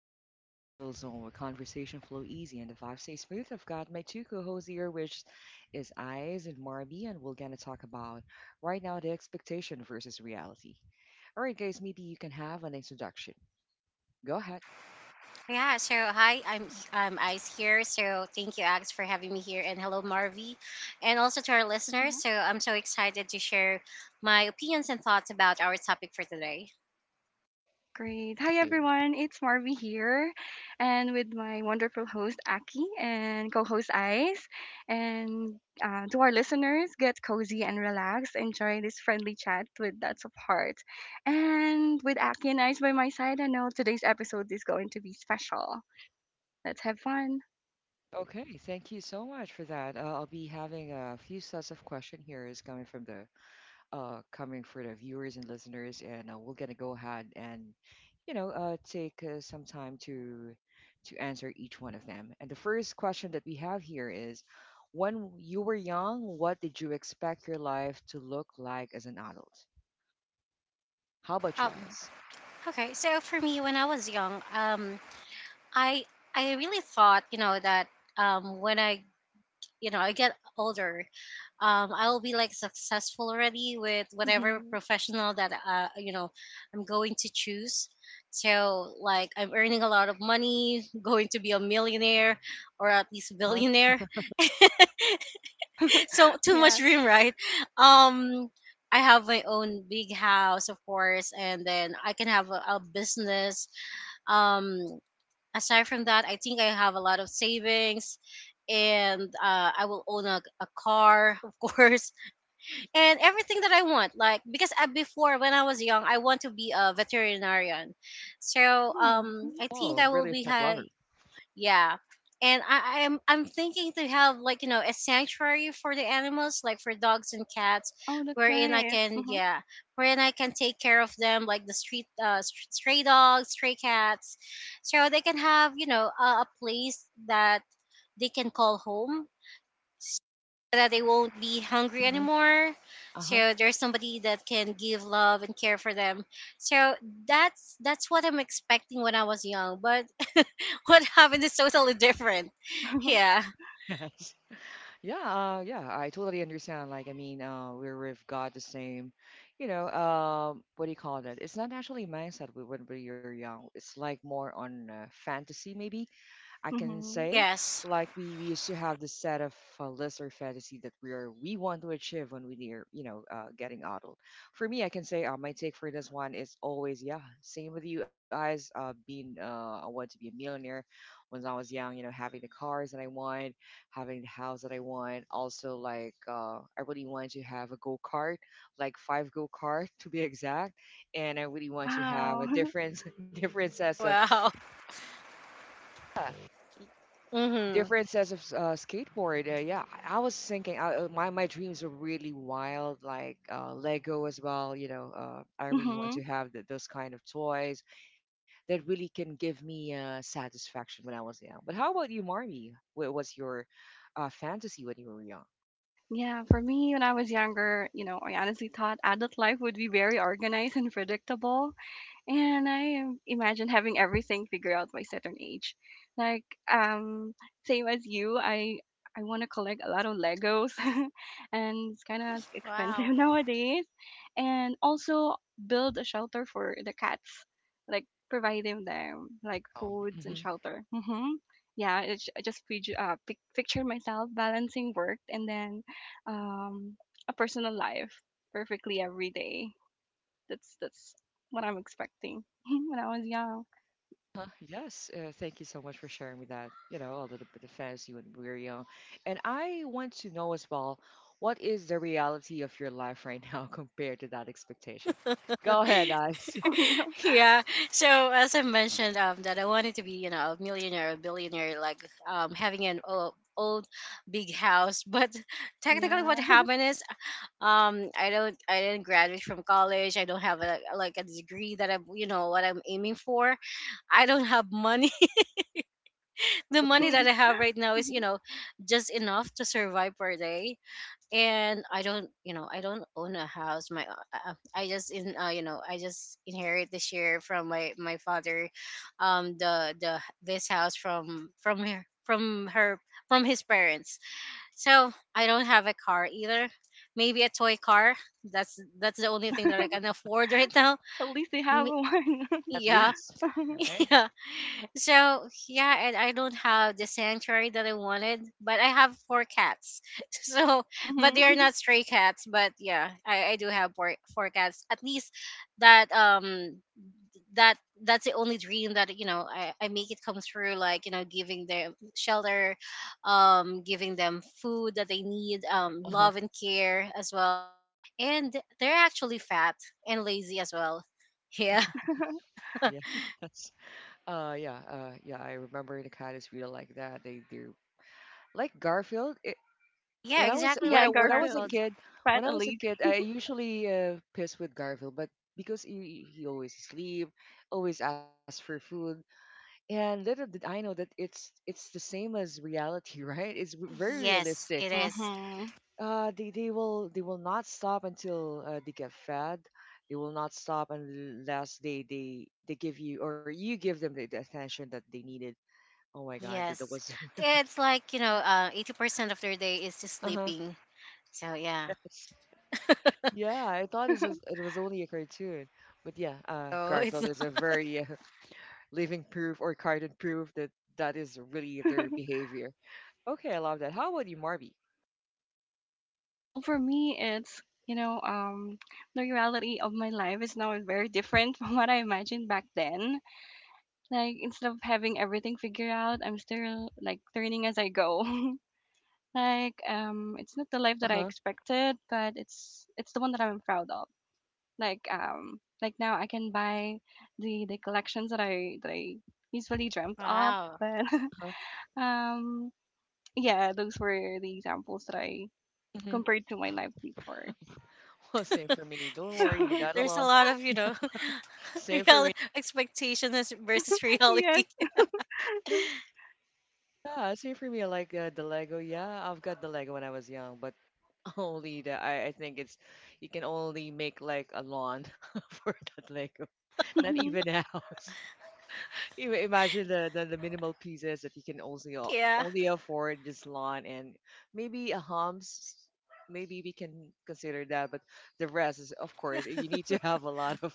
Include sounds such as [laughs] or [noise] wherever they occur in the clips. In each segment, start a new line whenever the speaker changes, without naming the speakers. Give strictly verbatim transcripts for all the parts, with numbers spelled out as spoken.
You just tap into a chill zone where conversation flow easy and the vibes stay smooth. I've got my two co-hosts here, which is Eyes and Marby, and we're gonna talk about right now the expectation versus reality. All right, guys, maybe you can have an introduction. Go ahead.
Yeah, so hi, I'm I'm Ice here. So thank you, Ax, for having me here, and hello, Marvy, and also to our listeners.
Mhm.
So I'm so excited to share my opinions and thoughts about our topic for today.
Great. Hi,
Thank you.
everyone. It's Marvy here, and with my wonderful host, Aki, and co host, Ice. And uh, to our listeners, get cozy and relax. Enjoy this friendly chat with lots of heart. And with Aki and Ice by my side, I know today's episode is going to be special. Let's have fun.
Okay, thank you so much for that. Uh, I'll be having a few sets of question here is coming from the uh, coming for the viewers and listeners, and uh, we're gonna go ahead and, you know, uh, take uh, some time to to answer each one of them. And the first question that we have here is, when you were young, what did you expect your life to look like as an adult? How about you
Um,
guys?
okay, so for me, when I was young, um, I I really thought, you know, that um, when I you know I get older, um, I'll be like successful already with whatever
Mhm.
professional that uh, you know I'm going to choose. So like I'm earning a lot of money, [laughs] going to be a millionaire or at least
Huh?
billionaire. [laughs]
[laughs]
So too much
Yeah.
dream, right? Um, I have my own big house, of course, and then I can have a, a business. Um, Aside from that, I think I have a lot of savings and uh, I will own a, a car, [laughs] of course, and everything that I want. Like, because uh, before, when I was young, I want to be a veterinarian. So
Mm.
um, I
Oh,
think I
really,
will
a
be
pet
ha-
lover.
yeah. And I, I'm I'm thinking to have like you know a sanctuary for the animals like for dogs and cats,
Oh, that's
wherein I
nice.
can
Hmm
yeah wherein I can take care of them like the street uh, st- stray dogs, stray cats, so they can have you know a, a place that they can call home so that they won't be hungry
Hmm.
anymore.
Uh huh.
So there's somebody that can give love and care for them. So that's that's what I'm expecting when I was young, but [laughs] what happened is totally different.
[laughs]
Yeah.
[laughs] Yes. Yeah, uh, yeah, I totally understand. Like, I mean, uh, we're, we've got the same, you know, um, what do you call that? It's not actually mindset we- when we are young. It's like more on uh, fantasy, maybe. I can
hmm
say.
Yes.
Like we, we used to have this set of uh, list or fantasy that we are we want to achieve when we are you know uh, getting adult. For me, I can say uh, my take for this one is always yeah same with you guys. Uh, being uh, I want to be a millionaire when I was young. You know having the cars that I want, having the house that I want. Also like uh, I really want to have a go kart, like five go kart to be [laughs] exact, and I really want to have a
Wow.
different [laughs] different sets of
Wow. Mm-hmm.
differences of s- uh, skateboard. Uh, yeah, I I was thinking uh, uh, my my dreams are really wild, like uh, Lego as well. You know, uh, I
[laughs]
really want
hmm
to have th- those kind of toys that really can give me uh, satisfaction when I was young. But how about you, Marmy? What was your uh, fantasy when you were young?
Yeah, for me, when I was younger, you know, I honestly thought adult life would be very organized and predictable and I am- imagine having everything figured out by certain age. Like um, Same as you, I I want to collect a lot of Legos, [laughs] and it's kind of
Wow.
expensive [laughs] nowadays. And also build a shelter for the cats, like providing them like
Oh,
foods
mhm.
and shelter. Hmm Yeah, it's, I just picture, uh, pic- picture myself balancing work and then um, a personal life perfectly every day. That's that's what I'm expecting [laughs] when I was young.
Uh, yes, uh, thank you so much for sharing with that. You know, a little bit of fantasy when we were young. And I want to know as well, what is the reality of your life right now [laughs] compared to that expectation? Go
[laughs]
ahead, Ice.
[laughs]
[laughs]
Oh no.
yeah. So as I mentioned, um, that I wanted to be, you know, a millionaire, a billionaire, like um, having an o- old big house. But technically, what
Yeah.
happened is, um, I don't, I didn't graduate from college. I don't have a like a degree that I'm, you know, what I'm aiming for. I don't have money. The money
Okay.
that I have right now is, you
[laughs]
know, just enough to survive per day. And I don't, you know, I don't own a house. My, uh, uh, I just in, uh, you know, I just inherit this year from my my father, um, the the this house from from her from her from his parents. So I don't have a car either. Maybe a toy car. That's that's the only thing that I can afford [laughs] right now.
At least they have
Me-
one.
At
Yeah,
least,
[laughs]
right?
[laughs] so yeah, and I don't have the sanctuary that I wanted, but I have four cats. [laughs] So, but
hmm
they are not stray cats. But yeah, I, I do have four four cats. At least that um that that's the only dream that you know I, I make it come through. Like you know, giving them shelter, um, giving them food that they need, um,
Uh-huh.
love and care as well. And they're actually fat and lazy as well. [laughs] Yeah,
[laughs]
Yes. [laughs] Uh, yeah, uh, yeah, I remember the cat is really like that. They do like Garfield. It,
yeah,
when I was
exactly
when
Yeah,
I
like
when I was a
Garfield.
Garfield.
kid,
Fred
when I was a
Elite.
kid, I usually uh, pissed with Garfield, but because he he always sleep, always ask for food, and little did I know that it's it's the same as reality, [laughs] right? It's r- very
Yes,
realistic.
it is.
Hmm
Uh, they, they will they will not stop until uh, they get fed. They will not stop unless they they they give you or you give them the, the attention that they needed. Oh my God, that, that
Yes.
was [laughs]
It's like, you know, uh, eighty percent of their day is just
uh-huh.
sleeping. So, yeah.
Yes. Yeah, I thought it was it was only a cartoon, but yeah, uh,
So, it's
Garfield is a
[laughs]
very uh, [laughs] living proof or cartoon proof that that is really their behavior. Okay, I love that. How about you, Marby?
Well, for me, it's you know, um, the reality of my life is now very different [laughs] from what I imagined back then. Like instead of having everything figured out, I'm still like learning as I go. [laughs] Like um, it's not the life that I
Uh
expected, but it's it's the one that I'm proud of. Like um like now I can buy the the collections that I that I usually dreamt of.
wow.
But
huh.
[laughs] um yeah, those were the examples that I
Hmm.
compared to my life before.
[laughs] Well, same for me. Don't worry, you're not
[laughs]
There's a
alone.
lot of, you know, [laughs]
Same for
real
me.
expectations versus reality.
Yes.
[laughs]
Yeah, same for me. I like uh, the Lego. Yeah, I've got the Lego when I was young, but [laughs] only the I, I think it's you can only make like a lawn [laughs] for that Lego. Not
Mhm.
even a house. [laughs] You imagine the, the the minimal pieces that you can only a-
Yeah.
only afford just lawn and maybe a homes. Maybe we can consider that, but the rest is, of course, you need to have a lot of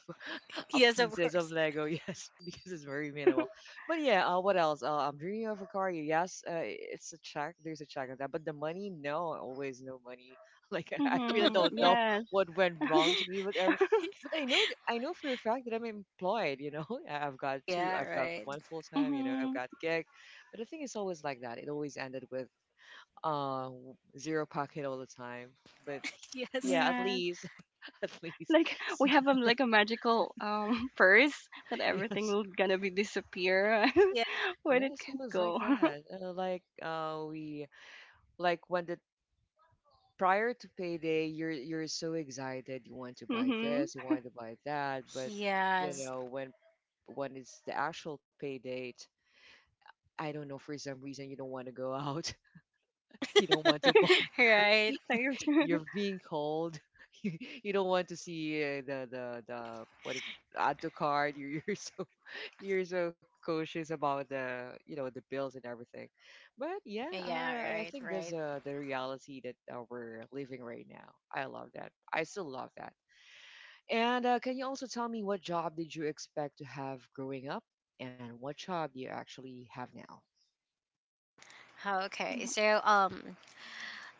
uh,
Yes, of
pieces of
course.
Lego, [laughs] yes, because it's very minimal. But yeah, uh, what else? Uh, I'm dreaming of a car. Yes, uh, it's a check. There's a check on that. But the money, no, always no money. [laughs] Like I really
Mhm.
don't know
[laughs]
Yes.
what went wrong to me, whatever. But I know, th- I know for a fact that I'm employed. You know, [laughs] I- I've got two.
Yeah,
I've got one
right.
full time. You know, I've got
Mhm.
gig. But the thing is always like that. It always ended with uh w- zero pocket all the time. But yeah,
Yes.
at
Yes.
least, [laughs] at least,
Like we have um like a magical um [laughs] purse that
[laughs]
everything
yes.
will gonna be disappear [laughs]
Yeah.
where did
Yes, it
it
was like
go.
that.
[laughs]
Uh, like uh, we like when the prior to payday, you're you're so excited. You want to buy
Mhm.
this, you want to buy that, but you know
Yes.
when when it's the actual pay date, I don't know for some reason you don't want to go out. [laughs] You don't want to buy.
[laughs] right.
[laughs] Saved. [laughs]
You're being cold. [laughs] You, you don't want to see uh, the the the what do you- add to card. [laughs] You're, you're so you're so cautious about the you know the bills and everything, but yeah,
Yeah,
uh, I
right,
think that's
right.
uh, the reality that uh, we're living right now. I love that. I still love that. And uh, can you also tell me what job did you expect to have growing up, and what job do you actually have now?
Oh, okay.
Mhm.
So, um,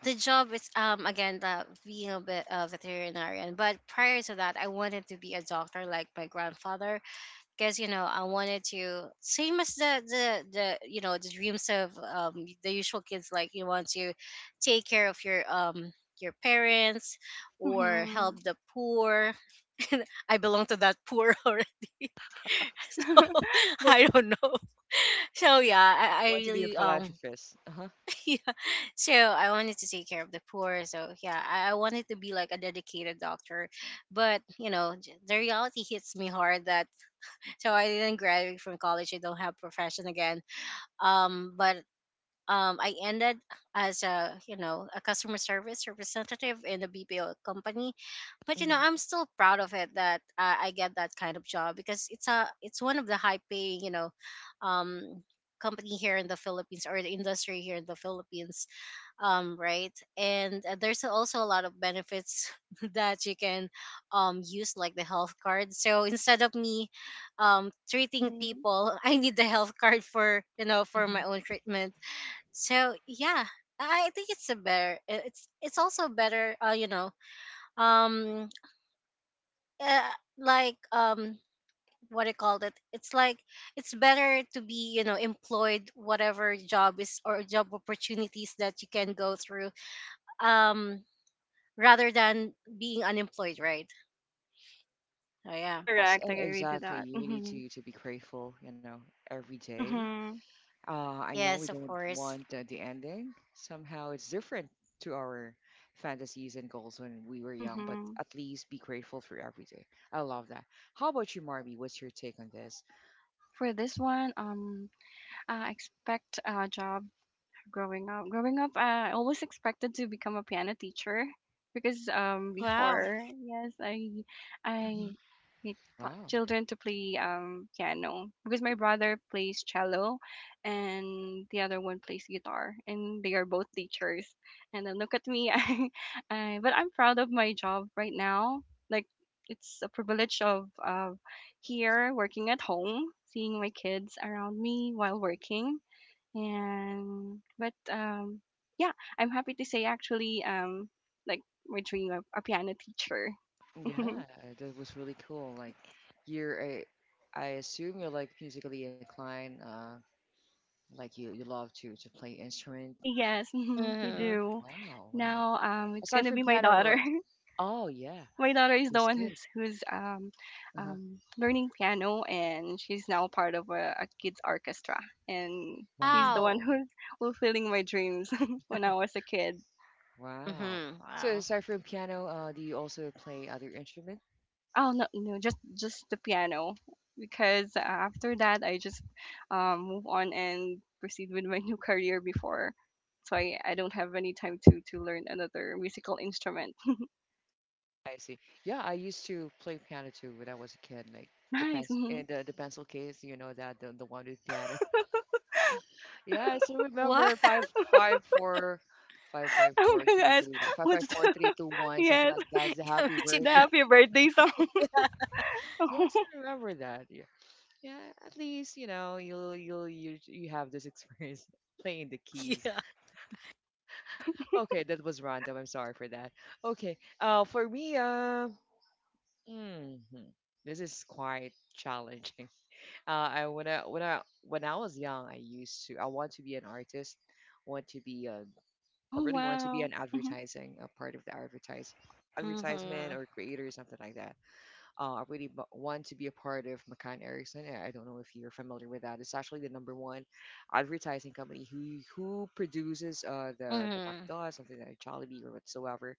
the job is um again the being a bit a veterinarian, but prior to that I wanted to be a doctor like my grandfather because you know I wanted to same as the the the you know the dreams of um the usual kids like you want to take care of your um your parents or help
Mhm.
the poor. [laughs] I belong to that poor [laughs] already so
[laughs]
[laughs]
Look, I
I don't know. So yeah, i, I
want to be a
really um
philanthropist. Uh-huh.
[laughs] so I wanted to take care of the poor. So yeah, I, I wanted to be like a dedicated doctor, but you know j- the reality hits me hard that so I didn't graduate from college. I don't have profession again. Um, but um, I ended as a you know a customer service representative in a B P O company. But you know
Hmm.
I'm still proud of it that uh, I get that kind of job because it's a it's one of the high paying you know um company here in the Philippines or the industry here in the Philippines um right, and uh, there's also a lot of benefits [laughs] that you can um use like the health card, so instead of me um treating
Mhm.
people [laughs] I need the health card for you know for
Hmm.
my own treatment. So yeah, I think it's a better i- it's it's also better uh you know um uh, like um what I called it, it's like it's better to be you know employed whatever job is or job opportunities that you can go through um rather than being unemployed, right? Oh yeah.
Yes.
Correct.
uh,
I agree to
exactly,
that.
you need
Mhm.
to to be grateful, you know every day.
Mhm.
Uh, I know we
Yes, of
don't
course.
want uh, the ending. Somehow it's different to our fantasies and goals when we were young, but
Mhm.
at least be grateful for everything. I love that. How about you, Marby? What's your take on this?
For this one, um, I expect a job growing up growing up I always expected to become a piano teacher because um
Wow.
before, yes, I I
Mhm.
it taught
Wow.
children to play um piano because my brother plays cello and the other one plays guitar and they are both teachers. And then look at me. [laughs] i, I, but I'm proud of my job right now. Like it's a privilege of uh, here working at home, seeing my kids around me while working. And but um yeah, I'm happy to say actually, um like my dream of a piano teacher.
Yeah,
[laughs]
that was really cool. Like you're a, I assume you're like musically inclined, uh, like you you love to to play instrument.
Yes, mhm, we
Mhm.
Mhm.
do.
Wow, wow.
Now um it's
Aside
gonna
from
be my
piano, uh,
daughter.
oh yeah,
[laughs] My daughter is the
that's
one
good.
who's who's um,
Uh-huh.
um learning piano, and she's now part of a, a kids orchestra, and she's the one
Wow.
Wow.
who's fulfilling my dreams [laughs] when I was a kid.
Wow.
Mhm.
So
Wow.
aside from piano, uh, do you also play other instrument?
Oh no, no, just just the piano because uh, after that I just um, move on and proceed with my [laughs] new career before. So I, I don't have any time to to learn another musical instrument. [laughs]
I see. Yeah, I used to play piano too when I was a kid, like the
Nice.
pencil and
Mhm.
the, the pencil case, you know that the, the one with
[laughs]
piano. [laughs] Yeah, I still
What?
remember five five four five five
I'm
four
gonna
three
ask
two one five five
what's
four
the
three two
[laughs]
one something
yes,
like that. It's the
[laughs] Me
happy
too.
the
birthday.
happy
[laughs]
birthday song. [laughs]
Yeah.
Yes,
Oh
I remember that. Yeah, yeah. At least, you know you'll you'll you you have this experience [laughs] playing the keys.
Yeah.
Okay, that was random. I'm sorry for that. Okay. Uh, for me, uh, hmm this is quite challenging. [laughs] Uh, I when I when I when I was young, I used to I want to be an artist, want to be a, I really want to be
wow.
an
Mhm,
advertising, a part of the advertise advertisement
Mhm.
or creator or something like that. Uh, I really b- want to be a part of McCann Erickson. I I don't know if you're familiar with that. It's actually the number one advertising company who who produces uh the the
Mhm.
McDonald's, something like Jollibee or whatsoever.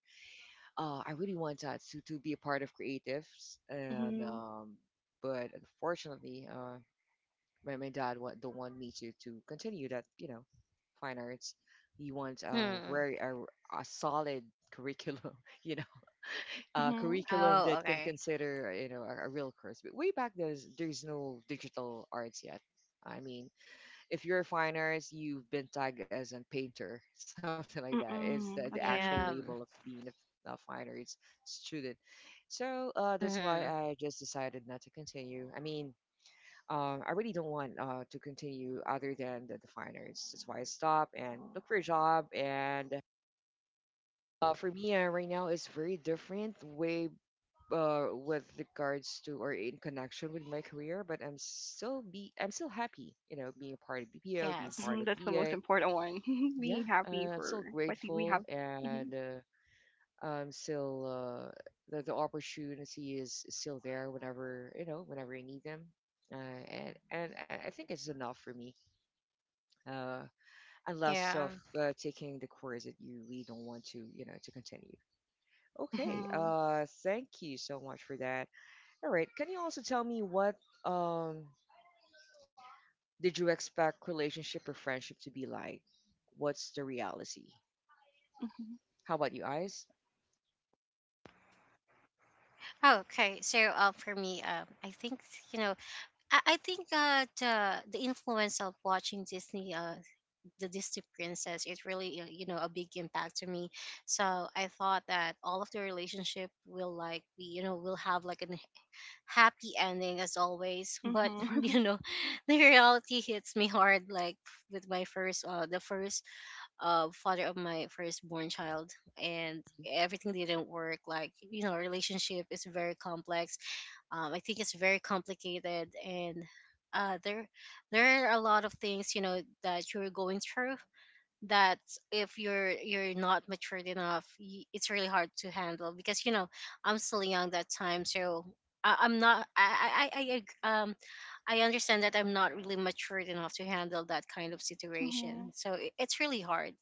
uh, I really want that to, to be a part of creatives, and
mhm,
um, but unfortunately, uh, my, my dad wa- don't want me to to continue that. You know, fine arts. He wants a
Mhm.
very a, a solid curriculum. [laughs] You know, a
mhm,
curriculum
Oh,
that can
okay.
consider you know a, a real course. But way back there's there's no digital arts yet. I mean, if you're a fine artist, you've been tagged as a painter, [laughs] something like that. Is the,
mm-mm,
the
a
actual
painter.
Yeah.
label of being a, f- a fine arts student. So uh, that's why
Mhm.
I just decided not to continue. I mean, um, I really don't want uh, to continue other than the, the fine arts. That's why I stopped and look for a job. And uh, for me, uh, right now, it's very different way uh, with regards to or in connection with my career. But I'm still be I'm still happy, you know, being a part of B P O, being
Yes.
part
Mhm,
of
that's the most
V A,
important one. [laughs]
yeah,
Being
uh,
happy
I'm
for
still
what we
grateful,
have. Mhm,
and uh, I'm still uh, the the opportunity is is still there whenever you know whenever I need them, uh, and and I I think it's enough for me, uh, unless
Yeah.
of uh, taking the course that you really don't want to you know to continue. Okay,
mhm,
uh, thank you so much for that. All right, can you also tell me what um did you expect relationship or friendship to be like? What's the reality?
mhm,
How about you, Eyes?
Okay, so uh, for me, um, I think you know, I, I think uh, the the influence of watching Disney uh, the Disney princess, it really uh, you know a big impact to me. So I thought that all of the relationship will like be you know will have like a happy ending as always. But [laughs]
mhm.
you know, the reality hits me hard like with my first uh the first uh father of my firstborn child and everything didn't work. Like you know, relationship is very complex. Um, I think it's very complicated and. Uh, there there are a lot of things you know that you're going through that if you're you're not matured enough y- it's really hard to handle because you know I'm still young that time. So I, I'm not I, I I I, ag- um I understand that I'm not really matured enough to handle that kind of situation,
Mhm.
so it, it's really hard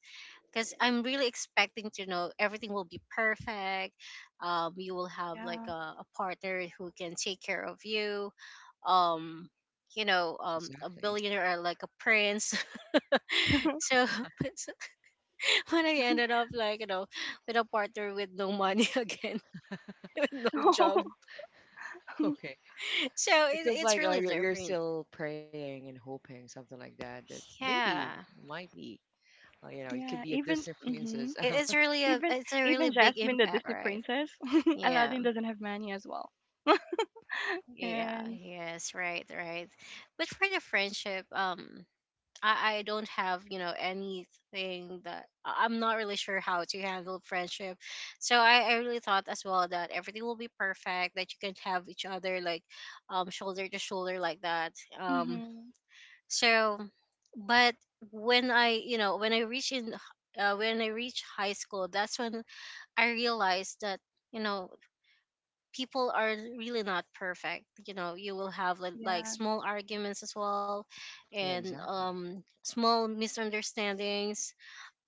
because I'm really expecting to know everything will be perfect. Um you will have like
Yeah.
a, a partner who can take care of you. Um you know um A
Exactly.
billionaire or like a prince. [laughs] So [laughs] [laughs] when I ended up like you know with a partner with no money [laughs] again, with no job.
[laughs]
Okay.
So
It
it,
feels
it's
like uh,
really
you're you're
different.
still praying and hoping something like that, that maybe
Yeah,
might be uh, you know you could be a
Yeah.
Disney
Even
princess. [laughs]
mhm.
it, it's really a
Even
it's a really
even
big
Jasmine, the
impact,
Disney
right?
princess, [laughs]
Yeah,
Aladdin doesn't have money as well.
yeah,
And
yes, right, right. But for the friendship, um, I I don't have you know anything that I- I'm not really sure how to handle friendship. So I I really thought as well that everything will be perfect, that you can have each other like um shoulder to shoulder like that. Um
mhm.
So, but When I, you know, when I reach in, uh, when I reach high school, that's when I realized that you know people are really not perfect. You know, you will have like, like
Yeah.
small arguments as well,
Yeah,
and
exactly.
um, small misunderstandings.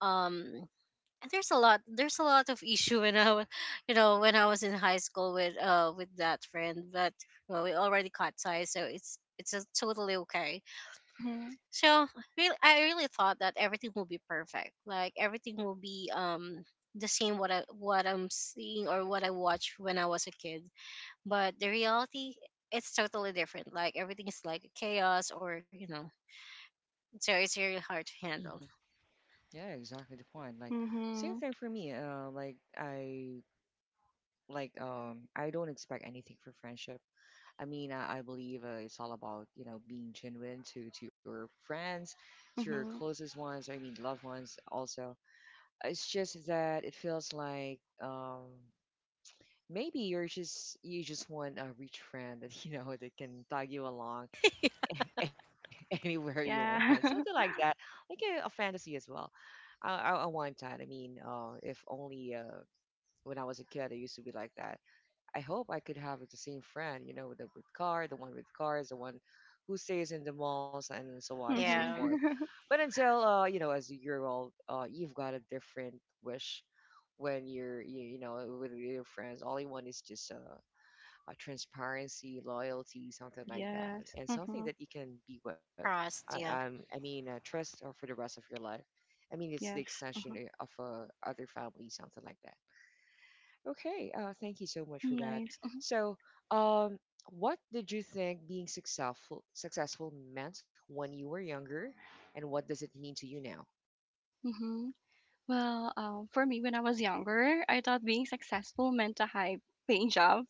Um, and there's a lot, there's a lot of [laughs] issue when I, wa- you know, when I was in high school with uh with that friend, but well, we already cut ties, so it's it's uh, totally okay.
Mhm.
So real I really thought that everything will be perfect. Like everything will be um the same what I what I'm seeing or what I watched when I was a kid. But the reality, it's totally different. Like everything is like chaos, or you know, so it's really hard to handle.
Hmm. Yeah, exactly the point. Like same
Mhm.
thing for me. Uh, like I like um I don't expect anything for friendship. I mean I, I believe, uh, it's all about you know being genuine to to your friends, to your
Mhm.
closest ones. I mean loved ones also. It's just that it feels like um. maybe you're just you just want a rich friend that [laughs] you know that can tag you along
[laughs]
[laughs] anywhere you want, something
Yeah.
like
[laughs]
that, like a, a fantasy as well. I, I i want that. I mean, uh if only, uh when I was a kid, I used to be like that. I hope I could have the same friend, you know the with car the one with cars, the one who stays in the malls, and so on and so
Mhm.
Yeah.
forth.
[laughs]
But until, uh you know as you're old, uh you've got a different wish. When you're you, you know with your friends, all you want is just a, uh, transparency, loyalty, something like that,
Yes.
and something
Mm-hmm.
that you can be with.
Trust,
I, um,
yeah.
I mean, uh, trust, uh, for the rest of your life. I mean, it's the
Yes.
extension
Mm-hmm.
uh, of uh, other family, something like that. Okay, uh, thank you so much for that.
Nice.
So, um, what did you think being successful successful meant when you were younger, and what does it mean to you now?
Mm-hmm. Well, um, for me, when I was younger, I thought being successful meant a high paying job,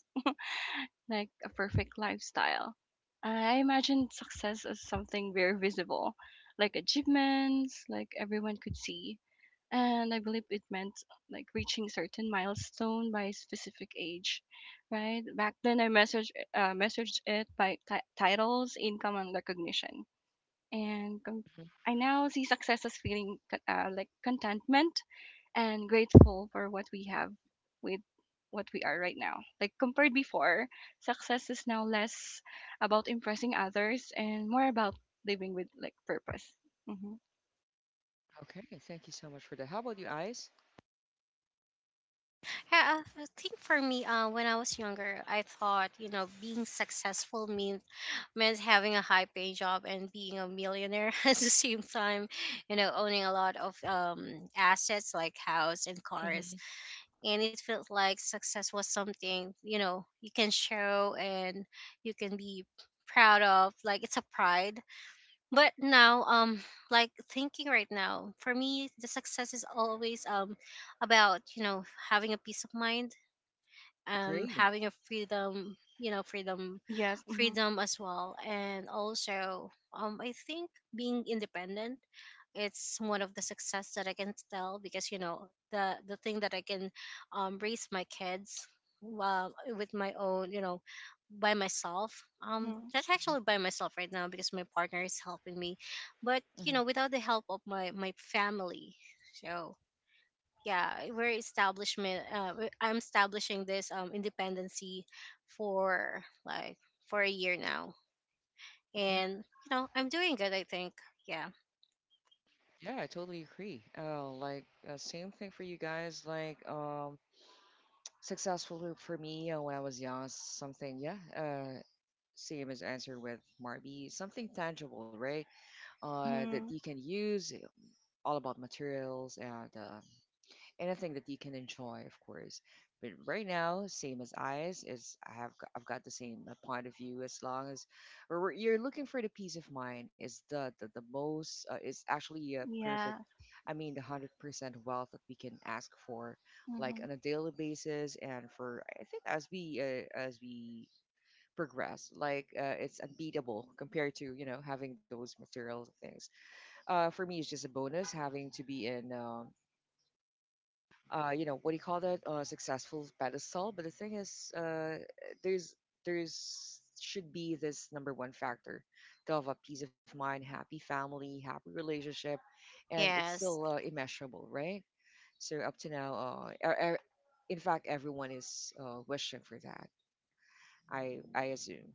like a perfect lifestyle. I imagined success as something very visible, like achievements, like everyone could see. And I believe it meant like reaching certain milestone by a specific age, right? Back then, I messaged uh, messaged it by ti- titles, income, and recognition. And com-
Mhm.
I now see success as feeling co- uh, like contentment and grateful for what we have with what we are right now. Like compared before, success is now less about impressing others and more about living with like purpose. Hmm
Okay, thank you so much for that. How about you, Ice?
Yeah, I think for me, uh, when I was younger, I thought, you know, being successful means meant having a high paying job and being a millionaire [laughs] at the same time, you know, owning a lot of um assets like house and cars,
Mm-hmm.
and it felt like success was something, you know, you can show and you can be proud of, like it's a pride. But now, um like thinking right now for me, the success is always, um about, you know, having a peace of mind, um
Agree.
having a freedom, you know, freedom
Yes. hmm
freedom as well, and also um I think being independent, it's one of the success that I can tell because, you know, the the thing that I can um raise my kids while with my own, you know, by myself, um
hmm
that's actually by myself right now because my partner is helping me. But,
Mm-hmm.
you know, without the help of my my family. So yeah, we're establishment uh, we- I'm establishing this um independency for like for a year now. And, you know, I'm doing good I think, yeah.
Yeah, I totally agree. Uh, like, uh, same thing for you guys. Like, um, successful loop for me, uh, when I was young. Something, yeah. Uh, same as answer with Marby. Something tangible, right? Uh, that
hmm
you can use. All about materials, and uh, anything that you can enjoy, of course. But right now, same as eyes is, I have g- I've got the same uh, point of view. As long as, or we're- you're looking for the peace of mind, is the the, the most, uh, is actually a perfect.
Yeah.
I mean, the hundred percent wealth that we can ask for, like on
hmm
a daily basis, and for I think as we uh, as we progress, like, uh, it's unbeatable compared to you know having those material things. Uh, for me, it's just a bonus having to be in. Um, uh, you know, what do you call that? Uh, successful pedestal. But the thing is, uh, there's there's should be this number one factor to have a peace of mind, happy family, happy relationship, and it's still,
Yes.
uh, immeasurable, right? So up to now, uh, er, er, in fact, everyone is, uh, wishing for that. I I assume.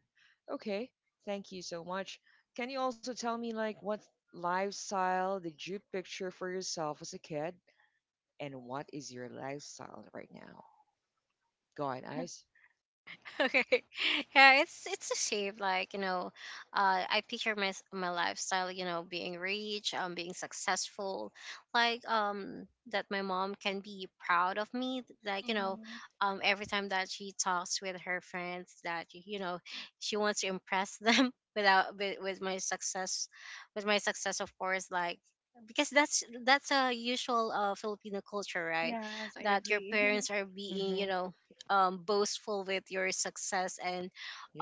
Okay, thank you so much. Can you also tell me, like, what lifestyle did you picture for yourself as a kid, and what is your lifestyle right now? Go on, Ice.
[laughs] Okay, yeah, it's it's a shame, like, you know, uh I picture my s- my lifestyle, you know, being rich, um being successful, like um that my mom can be proud of me, like, you know,
hmm
um every time that she talks with her friends, that y- you know, she wants to impress them, [laughs] without with, with my success, with my success, of course, like because that's that's a usual uh, Filipino culture, right?
Yes, I
That your
agree.
parents are being, you
Mm-hmm.
know, um, boastful with your success and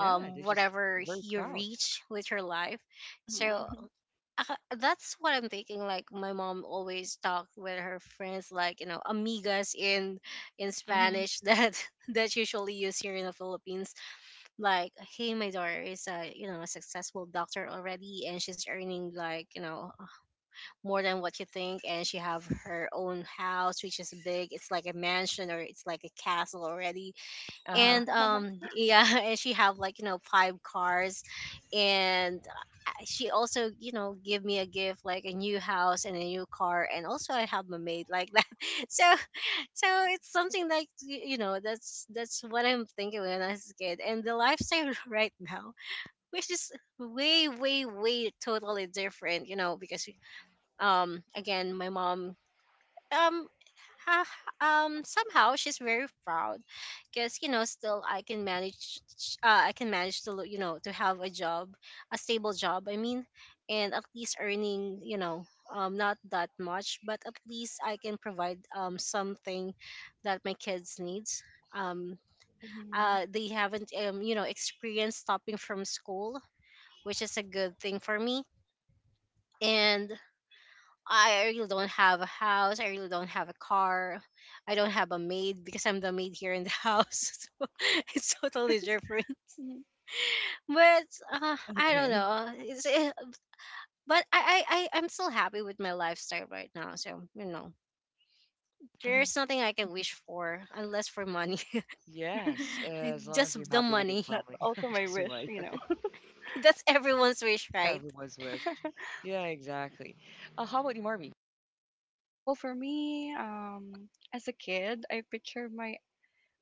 Yeah, they're just
whatever
very
you
proud.
reach with your life.
[laughs]
So
hmm
uh, that's what I'm thinking. Like my mom always talked with her friends, like, you know, amigas in in
Mm-hmm.
Spanish [laughs] that that's usually used here in the Philippines. Like, hey, my daughter is, a you know, a successful doctor already, and she's earning, like, you know, more than what you think, and she have her own house, which is big. It's like a mansion or it's like a castle already,
Wow.
Uh-huh.
and um
[laughs]
yeah, [laughs] and she have, like, you know, five cars, and I- she also, you know, give me a gift like a new house and a new car, and also I have a maid like that. [laughs] So so it's something like, y- you know, that's that's what I'm thinking when I was a kid. And the lifestyle [laughs] right now, which is way way way totally different, you know, because um again, my mom, um ha- ha- um somehow she's very proud because, you know, still I can manage, uh, I can manage to lo- you know, to have a job, a stable job I mean, and at least earning, you know, um not that much, but at least I can provide um something that my kids needs. um
hmm
uh they haven't, um you know, experienced stopping from school, which is a good thing for me. And I really don't have a house. I really don't have a car. I don't have a maid because I'm the maid here in the [laughs] house. So [laughs] it's totally different. But uh, I don't
Okay.
know. It's, eh, but I, I, I, I'm still happy with my lifestyle right now. So, you know, there's
Hmm.
nothing I can wish for unless for money. [laughs]
Yes, as long as you're
Just the
happy with your
money.
That's
family.
also
[laughs]
my
Just
wish,
like,
you know.
okay.
[laughs]
[laughs] That's everyone's wish, right?
Everyone's wish. Yeah, exactly. Uh, how about you, Marvy?
Well, for me, um, as a kid, I picture my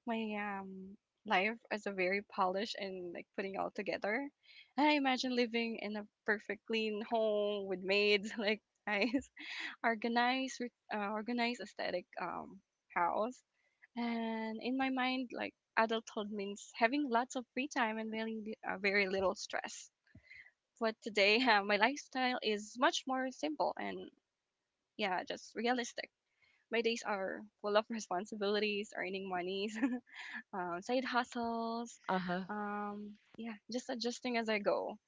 my um life as a very polished and like putting all together. And I imagine living in a perfect clean home with maids, [laughs] like nice organized, with- uh, organized aesthetic um house. And in my mind, like adulthood means having lots of free time and very li- uh, very little stress. But today, [laughs] uh, my lifestyle is much more simple and yeah, just realistic. My days are full of [laughs] responsibilities, earning monies, [laughs] uh, side hustles.
Uh-huh.
Um, yeah, just adjusting as I go.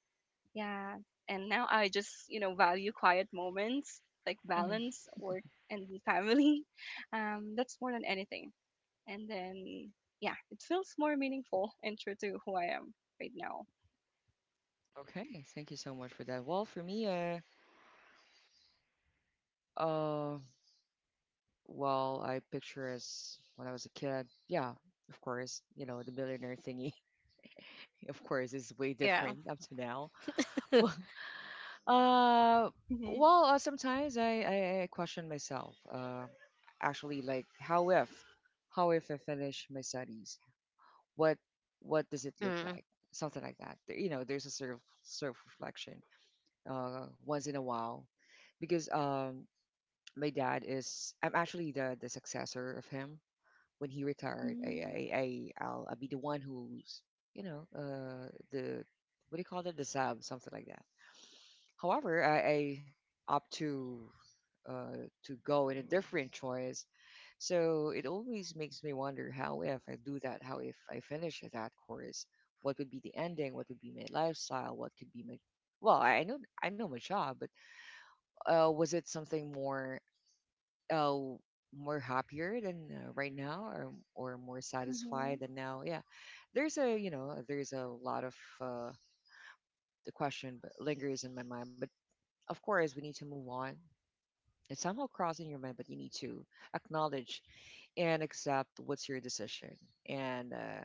Yeah, and now I just you know value quiet moments like
Hmm.
balance, work, and [laughs] family. Um, that's more than anything. And then yeah, it feels more meaningful and true to who I am right now.
Okay, thank you so much for that. Well, for me, uh, uh, well, I picture as when I was a kid, yeah, of course, you know, the millionaire thingy, [laughs] of course, is way
Yeah. [laughs]
different up to now. [laughs] Well. Uh,
Mhm.
well, uh, sometimes I, I, I question myself. Uh, actually, like, how if, how if I finish my studies? What what does it look
Mm,
like? Something like that. There- You know, there's a sort of self reflection, uh, once in a while, because, um, my dad is. I'm actually the the successor of him when he retired. I
Mm,
I, I I'll, I'll be the one who's, you know uh the, what do you call it, the sub, something like that. However, I, I opt to, uh, to go in a different choice. So it always makes me wonder, how if I do that, how if I finish that course, what would be the ending? What would be my lifestyle? What could be my, well, I I know I know my job, but, uh, was it something more, uh, more happier than, uh, right now, or or more
mhm,
satisfied than now? Yeah, there's a you know there's a lot of, uh, the question but lingers in my mind, but of course we need to move on. It's somehow crossing your mind, but you need to acknowledge and accept what's your decision. And, uh,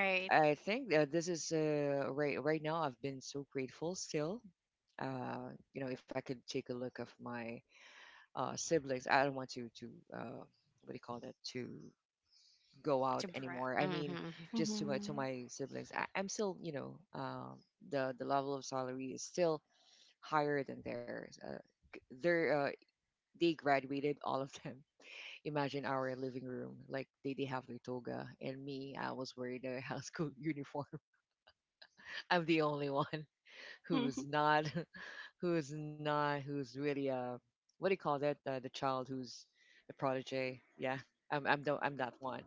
right.
I think, uh, this is, uh, right right now. I've been so grateful still. Uh, you know, if I could take a look of my, uh, siblings, I don't want to to uh, what do you call that, to go
To
out
bra-
anymore. I mean,
mhm.
just to my to
mhm,
my siblings, I, I'm still, you know um, the the level of salary is still higher than theirs. Uh, c- they're, uh, they graduated, all of them. Imagine our living room, like they, they have their toga, and me, I was wearing a high school [laughs] uniform. I'm the only one who's
mhm. [laughs]
not, [laughs] who's not, who's really, uh what do you call that, uh, the child who's the prodigy, yeah, i'm i'm, the, I'm that one.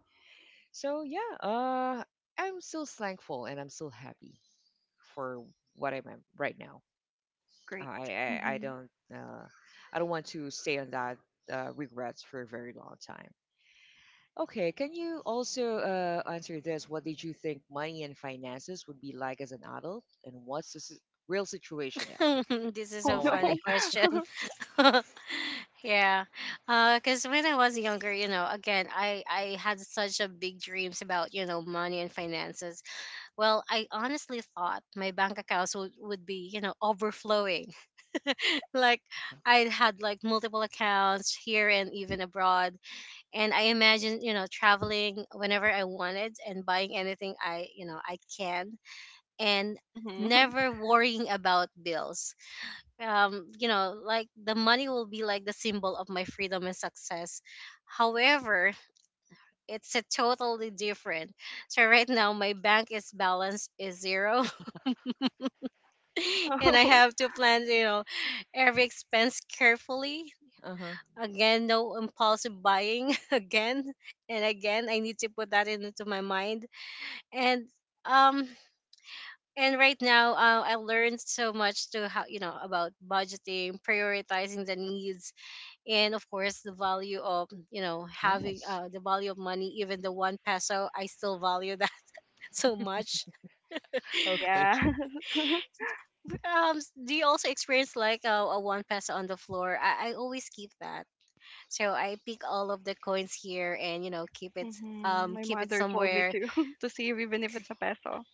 So, yeah, uh I'm still thankful, and I'm still happy for what I'm at right now. uh,
Great.
i i, I
Mhm.
don't uh, i don't want to stay on that, uh, regrets for a very long time. Okay, can you also, uh, answer this? What did you think money and finances would be like as an adult, and what's the, s- real situation now?
[laughs] This is
Oh
so
Oh
no.
my
funny
God.
question.
[laughs]
[laughs] Yeah, because when I was younger, you know, again, I I had such a big dreams about, you know, money and finances. Well, I honestly thought my bank accounts would, would be, you know, overflowing. [laughs] Like I had like multiple accounts here and even abroad, and I imagined, you know, traveling whenever I wanted and buying anything I, you know, I can, and
Mhm.
never
[laughs]
worrying about bills. Um you know, like the money will be like the symbol of my freedom and success. However, it's a totally different. So right now my bank is balance is zero [laughs] and I
Oh
have to plan, you know, every expense carefully.
Uh huh. [laughs]
Again, no impulsive buying [laughs] again, and again I need to put that into my mind. And um and right now, uh, I learned so much to how, you know, about budgeting, prioritizing the needs, and of course the value of, you know, having
Yes.
uh, the value of money. Even the one peso I still value that. [laughs] So much.
Okay.
yeah.
Um s- do you also experience like a, a one peso on the floor? I, I always keep that. So I pick all of the coins here and, you know, keep it,
Mhm.
um
My
keep it
mother told me
somewhere.
to [laughs] to save even if it's a peso.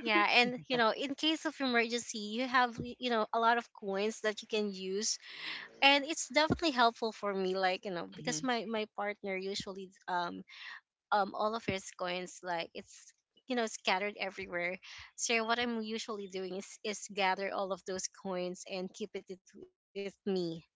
Yeah, and you know, in case of emergency you have, y- you know, a lot of coins that you can use. And it's definitely helpful for me, like, you know, because
Mhm.
my my partner usually um um all of his coins, like it's, you know, scattered everywhere. So what I'm usually doing is is gather all of those coins and keep it it- with me.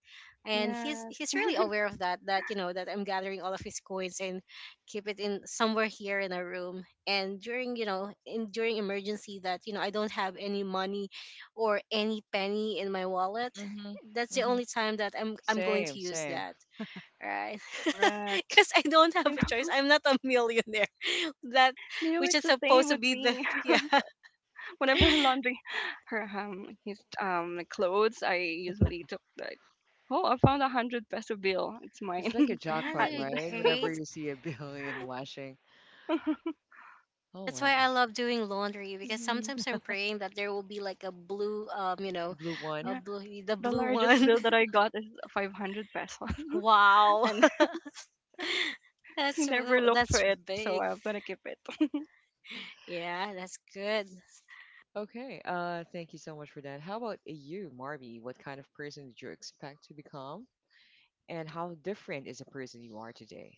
And he's he's
Yeah,
really aware of that, that you know, that I'm gathering all of his coins and keep it in somewhere here in our room. And during, you know, in during emergency that, you know, I don't have any money or any penny in my wallet,
Mhm.
that's the
Mhm.
only time that i'm i'm going
Same.
to use
Same.
that, right? [laughs]
correct.
Because I don't
You
have a
know,
choice. I'm not a millionaire. [laughs] That,
[laughs] no,
which
it's
is
the same
supposed to
with
be the,
me.
[laughs]
[laughs]
yeah,
Whenever I laundry [laughs] her um his um clothes, I usually took like, oh, I found a hundred peso bill. It's
It's
mine.
like a
yeah,
[laughs]
jackpot,
they're
And
right? Whenever
great.
you see a [laughs] billion washing. Oh
That's why I
my.
love doing laundry because
mhm,
sometimes I'm praying that there will be like a blue, um, you
The
know,
blue one.
a
yeah,
blue, the
the
blue
largest
one.
bill that I got is five hundred pesos,
[laughs]
[laughs]
Wow.
and [laughs]
[laughs]
he
That's
never
w-
looked for
that's
it, so
big.
I'm gonna keep it. [laughs]
Yeah, that's good.
Okay. Uh, thank you so much for that. How about you, Marby? What kind of person did you expect to become, and how different is the person you are today?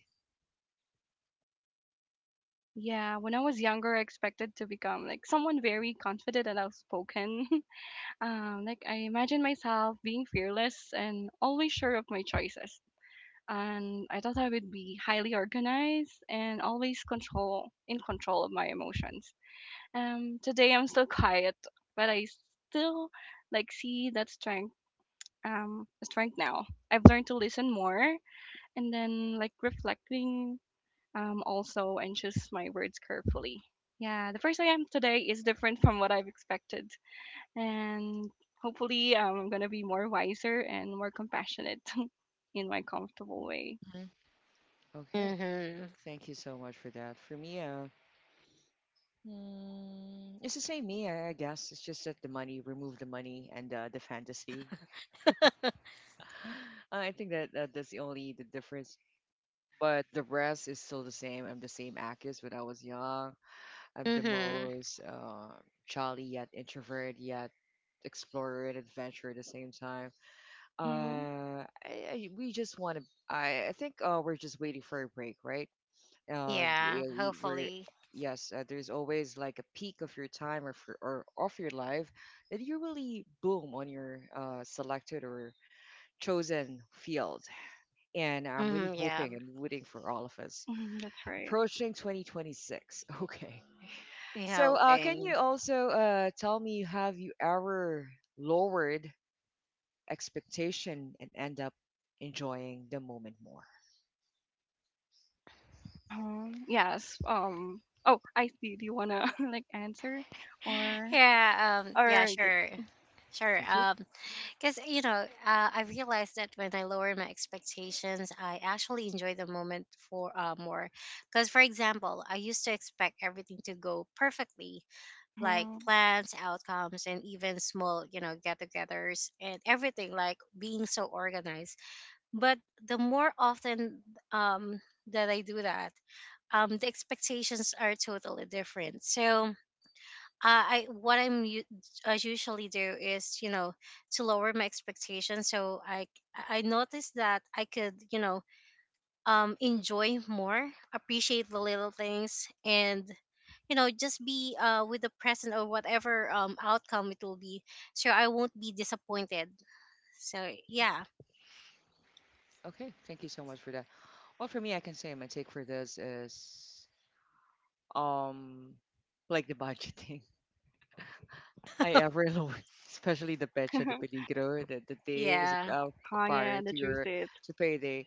Yeah, when I was younger, I expected to become like someone very confident and outspoken. [laughs] Um, like I imagine myself being fearless and always sure of my choices. And I thought I would be highly organized and always control in control of my emotions. Um, today I'm still quiet, but I still like see that strength um strength now. I've learned to listen more and then like reflecting um also and choose my words carefully. Yeah, the person I am today is different from what I've expected, and hopefully um, I'm gonna be more wiser and more compassionate [laughs] in my comfortable way.
Mhm. Okay.
Mhm.
Thank you so much for that. For me, uh, mm, it's the same me, I I guess. It's just that the money, remove the money, and uh, the fantasy.
[laughs]
[laughs] Uh, I think that, uh, that's the only the difference. But the rest is still the same. I'm the same Akis when I was young. I'm the
Mhm.
most, uh, jolly yet introvert yet explorer and adventurer at the same time.
Mm-hmm.
Uh, I, I, we just want to. I, I think, uh, we're just waiting for a break, right? Uh
Yeah.
yeah, we were.
Hopefully.
Yes, uh, there's always like a peak of your time or for, or of your life that you really boom on your, uh, selected or chosen field. And I'm really
Mhm. Yeah.
hoping and rooting for all of us,
hmm That's right.
approaching twenty twenty-six. [laughs] okay.
We
So, uh, can you
hoping.
also, uh, tell me, have you ever lowered expectation and end up enjoying the moment more?
Uh huh. Yes. Um. Oh, I see. Do you wanna [laughs] like answer,
[laughs]
or
Yeah, um, yeah,
or just?
sure. Sure.
Thank you.
Um, because you know, uh, I realized that when I lower my expectations, I actually enjoy the moment for uh, more. Because, for example, I used to expect everything to go perfectly, like
Mm-hmm.
plans, outcomes, and even small, you know, get-togethers and everything, like being so organized. But the more often um that I do that, um, the expectations are totally different. So uh, I what I'm u- I usually do is, you know, to lower my expectations. So I I noticed that I could, you know, um enjoy more, appreciate the little things, and you know, just be uh with the present or whatever um outcome it will be, so I won't be disappointed. So yeah.
Okay, thank you so much for that. Well, for me, I can say my take for this is, um like the budgeting, [laughs] I ever load, [laughs] especially the Pecha de
[laughs]
Peligro, the, the days,
Yeah.
uh,
Uh-huh.
prior
Yeah,
to
the
your
juice it.
to payday.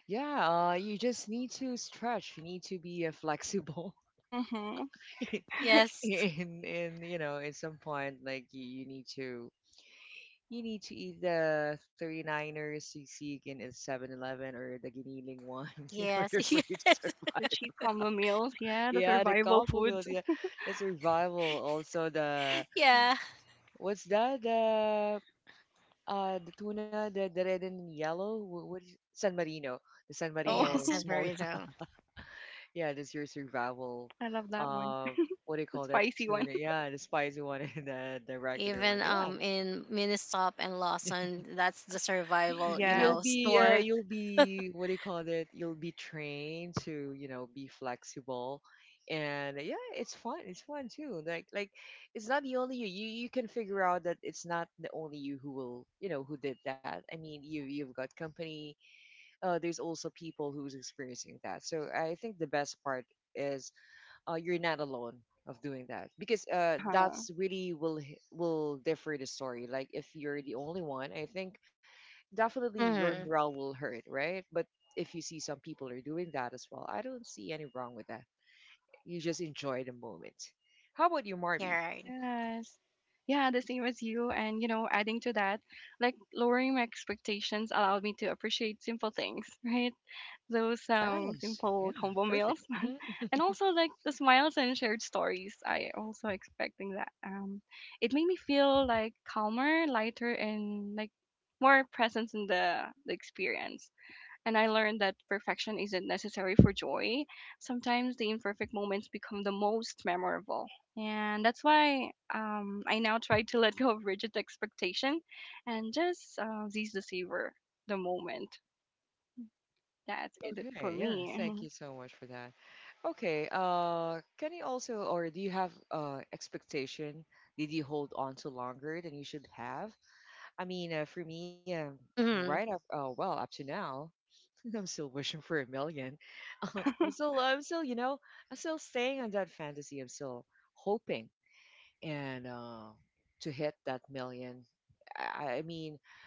Yeah, uh, you just need to stretch. You need to be, uh, flexible.
Mm-hmm. [laughs]
[laughs]
Yes.
in in You know, at some point, like, you, you need to. You need to eat the 39ers, you see, in a seven-Eleven or the Giniling one, [laughs] in order
Yes. [laughs]
for
Yes.
you to
The
survive.
cheap
[laughs]
combo meals. Yeah, the
Yeah, the
survival
combo
food.
meals,
[laughs]
yeah, the survival, also the.
Yeah.
What's that? The uh, the tuna, the, the red and yellow. Wh- What is San Marino? The San Marino
Yes,
Oh,
that's
[laughs]
small.
very.
[laughs] Yeah, that's your survival.
I love that one.
Uh,
[laughs]
what do you
The
call that
spicy one.
tuna? Yeah, the spicy one, [laughs] and the the regular one.
Even
Yeah.
um in Ministop and Lawson, that's the
[laughs]
survival, you
you'll
Yes.
know,
be uh,
Mm-hmm.
store.
you'll be What do you call it, you'll be trained to, you know be flexible. And yeah, it's fun it's fun too, like like It's not the only you, you, you can figure out that it's not the only you who will, you know who did that. I mean, you you've got company. Uh, there's also people who's experiencing that, so I think the best part is, uh, you're not alone of doing that, because, uh,
Uh huh.
that's really will h- will differ the story, like if you're the only one, I think. Definitely your
Mm-hmm.
morale will hurt, right? But if you see some people are doing that as well, I don't see any wrong with that. You just enjoy the moment. How about you,
You're
Marby?
right.
Yes. Yeah, the same as you. And, you know, adding to that, like lowering my expectations allowed me to appreciate simple things, [laughs] right? Those um
Yes. Yeah.
simple combo
Perfect.
meals. [laughs]
Mhm.
And also like the smiles and shared stories. I also expecting that. Um it made me feel like calmer, lighter, and like more presence in the the experience. And I learned that perfection isn't necessary for joy. Sometimes the imperfect moments become the most memorable. And that's why um, I now try to let go of rigid expectation and just uh, seize the savor, the moment. That's it for
Okay. Yeah. Thank
me.
you so much for that. Okay. Uh, can you also, or do you have, uh expectation? Did you hold on to longer than you should have? I mean, uh, for me, um, right
Mm-hmm.
up, uh, well, up to now. I'm still wishing for a million. [laughs] I'm
[laughs]
still, I'm still, you know, I'm still staying on that fantasy. I'm still hoping, and uh, to hit that million. I, I mean,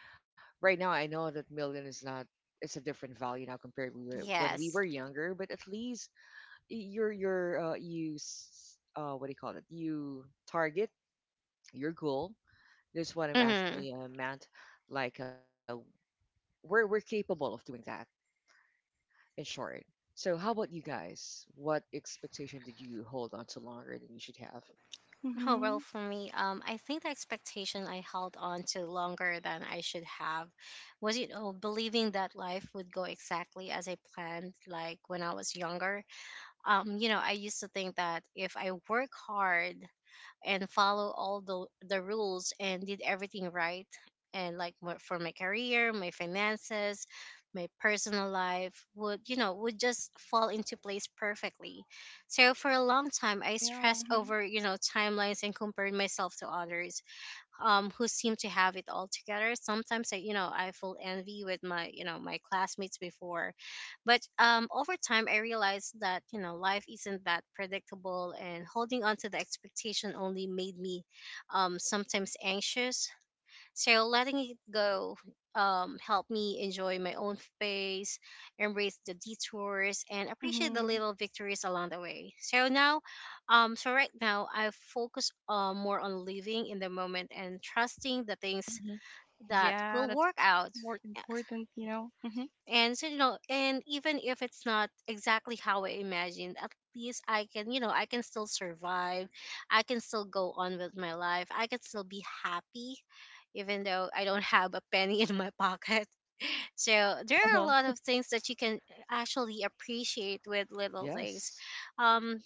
right now I know that million is not. It's a different value now compared to when we
Yes.
were younger. But at least, you're, you're, uh, you, s- uh, what do you call it? You target your goal. This is what I'm
Mm-hmm.
actually uh, meant. Like, uh, we're we're capable of doing that in short. So, how about you guys? What expectation did you hold on to longer than you should have?
Oh well,
hmm
for me, um, I think the expectation I held on to longer than I should have was, you know, believing that life would go exactly as I planned. Like when I was younger, um, you know, I used to think that if I work hard and follow all the the rules and did everything right, and like my- for my career, my finances, my personal life would, you know, would just fall into place perfectly. So for a long time I
Yeah.
stressed over, you know, timelines and compared myself to others, um, who seem to have it all together. Sometimes I, you know, I feel envy with my, you know, my classmates before, but um, over time I realized that, you know, life isn't that predictable, and holding on to the expectation only made me, um, sometimes anxious. So letting it go um, helped me enjoy my own pace, embrace the detours, and appreciate the
Mm-hmm.
little victories along the way. So now, um, so right now, I focus uh, more on living in the moment and trusting the things
Mm-hmm.
that
Yeah,
will
that's
work out.
more important, you know. Mm-hmm.
And so, you know, and even if it's not exactly how I imagined, at least I can, you know, I can still survive, I can still go on with my life, I can still be happy, even though I don't [laughs] have a penny in my pocket. [laughs] So there are a
Uh-huh.
lot of things that you can, eh, actually appreciate, with little things.
Yes.
um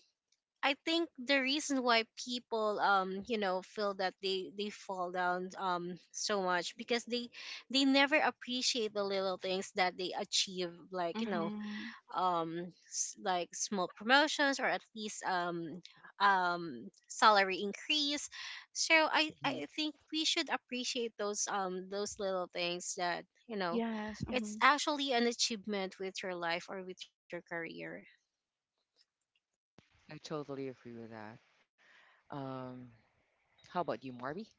I think the reason why people, um you know, feel that they they fall down um so much, because they they never appreciate the little things that they achieve, like, you know,
Mm-hmm.
um s- like small promotions or at least um um salary increase. So I I
Mhm.
think we should appreciate those um those little things that, you know,
Yes.
it's
Mm-hmm.
actually an achievement with your life or with your career.
I totally agree with that. Um, how about you, Marby?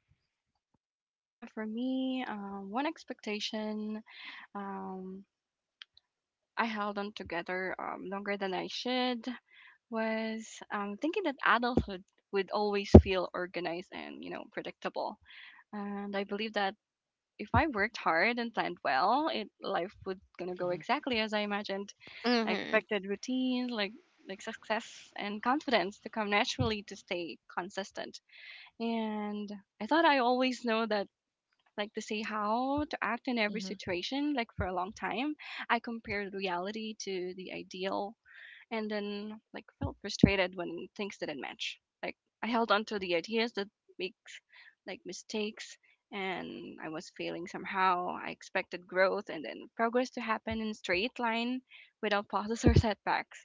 Yeah, for me, um, one expectation um, I held on together um, longer than I should was um, thinking that adulthood would always feel organized and you know predictable. And I believe that if I worked hard and planned well, it life would gonna go
Mm-hmm.
exactly as I imagined. I
Mhm.
expected routines like like success and confidence to come naturally to stay consistent. And I thought I always know that like to see how to act in every
Mm-hmm.
situation like for a long time. I compared reality to the ideal and then like felt frustrated when things didn't match. Like I held on to the ideas that makes like mistakes, and I was failing somehow. I expected growth and then progress to happen in straight line without pauses or [laughs] setbacks.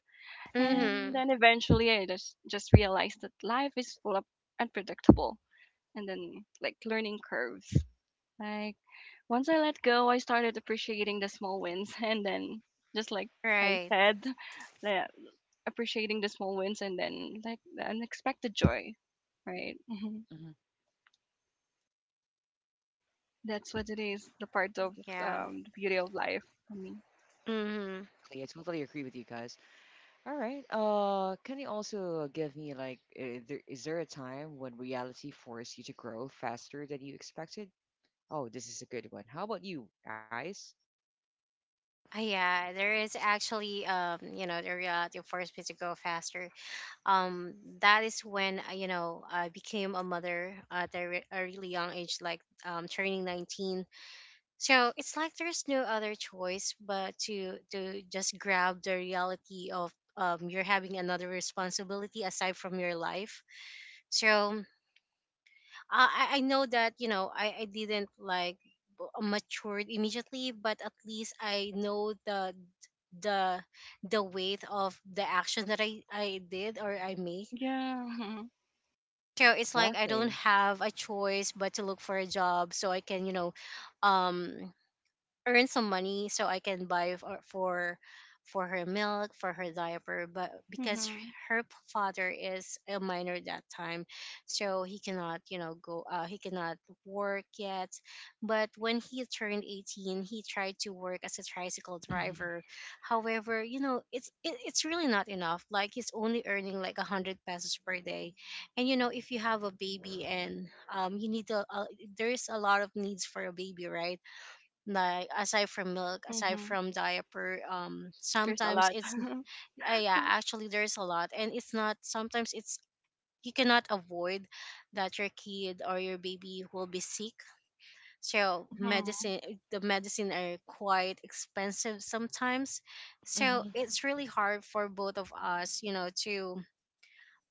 Mm-hmm.
And
Mhm.
then eventually I just just realized that life is full of unpredictable and then like learning curves. Like once I let go, I started appreciating the small wins [laughs] and then just like I
Right.
said, that appreciating the small wins and then like the unexpected joy, right? hmm
Mm-hmm.
That's what it is. The part of
Yeah.
um, the beauty of life for me.
Mm-hmm.
Yeah, I totally agree with you guys. All right. Uh, can you also give me like, uh, there, is there a time when reality forced you to grow faster than you expected? Oh, this is a good one. How about you guys?
Uh, Yeah, there is actually, um, you know, the uh, forced me to go faster. Um, that is when, uh, you know, I became a mother at a, re- a really young age, like um, turning nineteen. So it's like there's no other choice but to to just grab the reality of um you're having another responsibility aside from your life. So I I I know that, you know, I I didn't like b- matured immediately, but at least I know the the the weight of the action that I I did or I make.
Yeah. hmm
So it's like I don't
Exactly.
have a choice but to look for a job so I can, you know, um earn some money so I can buy for for for her milk, for her diaper. But because
hmm
her p- father is a minor at that time, so he cannot, you know, go uh, he cannot work yet. But when he turned eighteen, he tried to work as a tricycle
Mm-hmm.
driver. However, you know, it's it, it's really not enough. Like he's only earning like a hundred pesos per day. And you know, if you have a baby and um you need a, a, there's a lot of needs for a baby, right? Like aside from milk, aside
hmm
from diaper, um
There's a
sometimes
lot.
it's
[laughs]
uh, yeah, actually there's a lot. And it's not, sometimes it's you cannot avoid that your kid or your baby will be sick. So
hmm
medicine, the medicine are quite expensive sometimes.
Mm-hmm.
So it's really hard for both of us, you know, to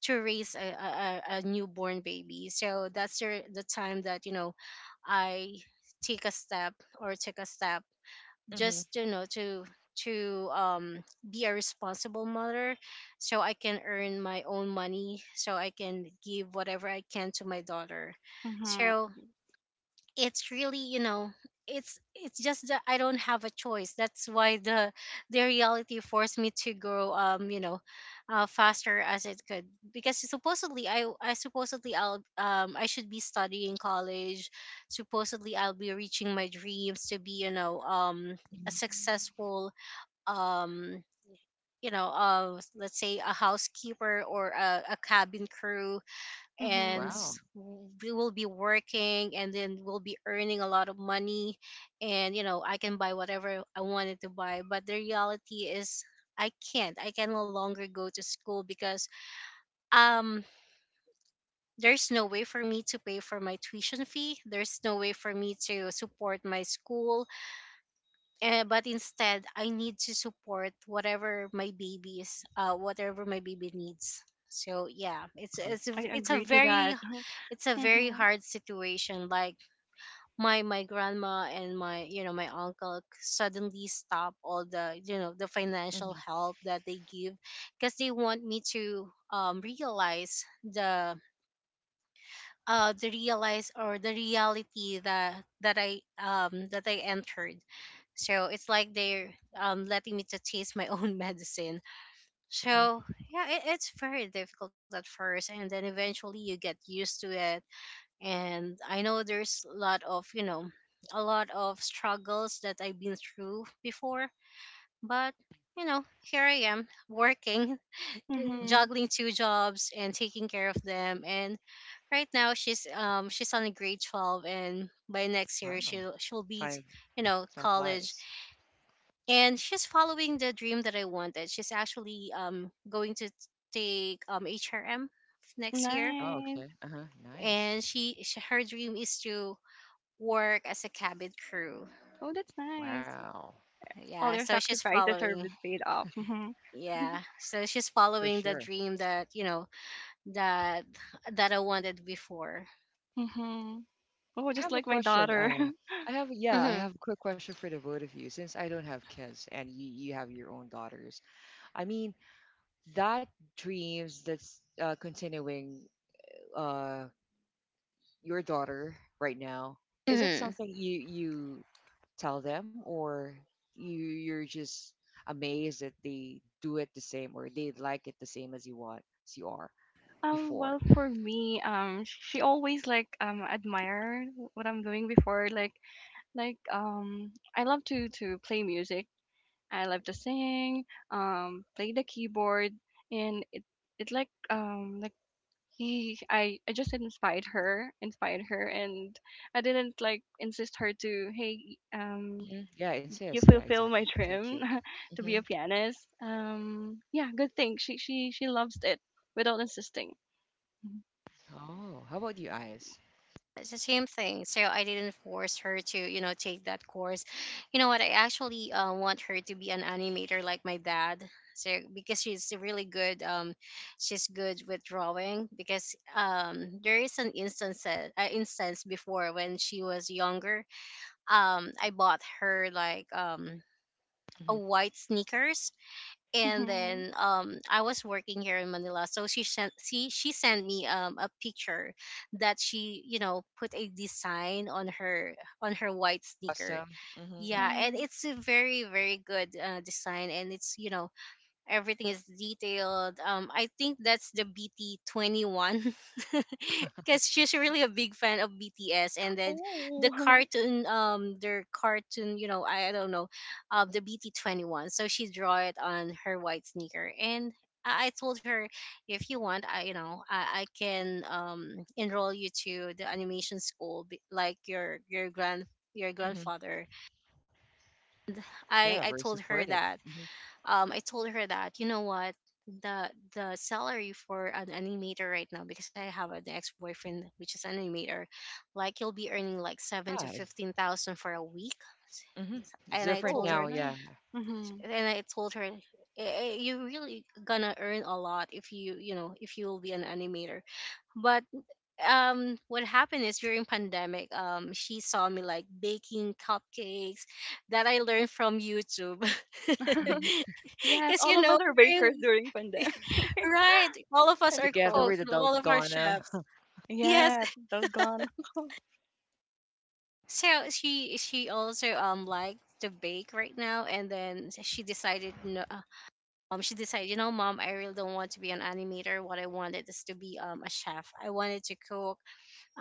to raise a, a, a a newborn baby. So that's your the time that you know i take a step, or took a step, just you know to to um be a responsible mother so I can earn my own money, so I can give whatever I can to my daughter.
hmm
So it's really, you know, it's it's just that I don't have a choice. That's why the the reality forced me to grow, um you know uh, faster as it could. Because supposedly i i supposedly i'll um I should be studying college. Supposedly I'll be reaching my dreams to be you know um
Mm-hmm.
a successful, um you know uh let's say, a housekeeper or a, a cabin crew, and
hmm
Wow.
s- we will be working, and then we'll be earning a lot of money. And you know, I can buy whatever I wanted to buy. But the reality is i can't I can no longer go to school because um there's no way for me to pay for my tuition fee, there's no way for me to support my school. Uh, but instead, I need to support whatever my baby's, uh, whatever my baby needs. So yeah, it's
uh
it's a,
I
it's a
agree to
very
that.
it's a
[laughs]
very
hmm
hard situation. Like my my grandma and my you know my uncle suddenly stop all the, you know, the financial
Mhm,
help that they give because they want me to um realize the uh the realize or the reality that that I um that I entered. So it's like they're um letting me to taste my [laughs] own medicine.
mhm.
So yeah, it, it's very difficult at first, and then eventually you get used to it. And I know there's a lot of, you know, a lot of struggles that I've been through before, but you know, here I am working, uh,
hmm
juggling two jobs and taking care of them. And right now she's um she's on a grade twelve, and by next year
Wow.
she'll she'll be,
Five.
you know,
Five
college.
Lies.
And she's following the dream that I wanted. She's actually um going to take um H R M next year.
Oh, okay.
Nice.
Uh-huh. Nice.
And she sh- her dream is to work as a cabin crew.
Oh, that's nice.
Wow.
All
Yeah,
your
so she's
sacrifices are
following,
being paid off. Hmm
yeah, so she's
For
following the
sure.
dream that, you know, that that I wanted before.
hmm Oh,
I
just
have a
like my
question.
daughter.
Uh,
[laughs]
I have, yeah, I
Mhm.
have a quick question for the both of you. Since I don't have kids and you, you have your own daughters, I mean, that dreams that's uh, continuing uh, your daughter right now, is it
Hmm.
something you you tell them or you you're just amazed that they do it the same or they like it the same as you want as you are
Um,
before?
well, for me, um, she always like um admire what I'm doing before. Like, like um, I love to to play music. I love to sing, um, play the keyboard, and it it like um like he I I just inspired her, inspired her, and I didn't like insist her to hey um
Hmm Yeah,
you
insist. Yeah,
fulfill my
exactly. Thank
dream
you.
[laughs] to be a
Hmm
pianist. Um, yeah, good thing she she she loves it without insisting.
Oh, how about you, Eyes?
It's the same thing. So I didn't force her to, you know, take that course. You know what? I actually uh, want her to be an animator like my dad. So because she's really good, um, she's good with drawing. Because um, there is an instance, uh, instance before, when she was younger. Um, I bought her like um a
Hmm
white sneakers, and then
[laughs]
um I was working here in Manila, so she sent she she sent me um a picture that she, you know, put a design on her, on her white sneaker.
Awesome. Hmm
Yeah, and
Nice.
it's a very very good uh, design, and it's, you know, everything is detailed. Um, I think that's the B T twenty one, because [laughs] she's really a big fan of B T S, and then the
Oh, [laughs]
cartoon, um, their cartoon, you know, I, I don't know, uh, the B T twenty one. So she draw it on her white sneaker. And I I told her, if you want, I you know, I, I can um enroll you to the animation school, be- like your your grand your
hmm
grandfather. I
Yeah,
I
very
told her
supportive.
that,
Hmm
um, I told her that, you know what, the the salary for an animator right now, because I have an ex boyfriend which is an animator, like you'll be earning like seven to
Yeah,
fifteen thousand for a week.
hmm it's
And I
different
told
oh,
her,
now. Yeah.
nice. Mm-hmm.
and I told her, "Eh, eh, you really gonna earn a lot if you, you know, if you will be an animator." But um what happened is during pandemic, um she saw me like baking cupcakes that I learned from YouTube.
[laughs]
hmm
[laughs]
Yes,
Because you
all of
know,
us are bakers
during,
during pandemic
right, all of
[laughs]
us
and
are
Together
call.
with
cooks,
the
all of our
Dalgona,
chefs. Yes.
Yes, they're gone. [laughs]
So she she also um liked to bake right now, and then she decided no, uh, um she decided, you know, "Mom, I really don't want to be an animator. What I wanted is to be um a chef. I wanted to cook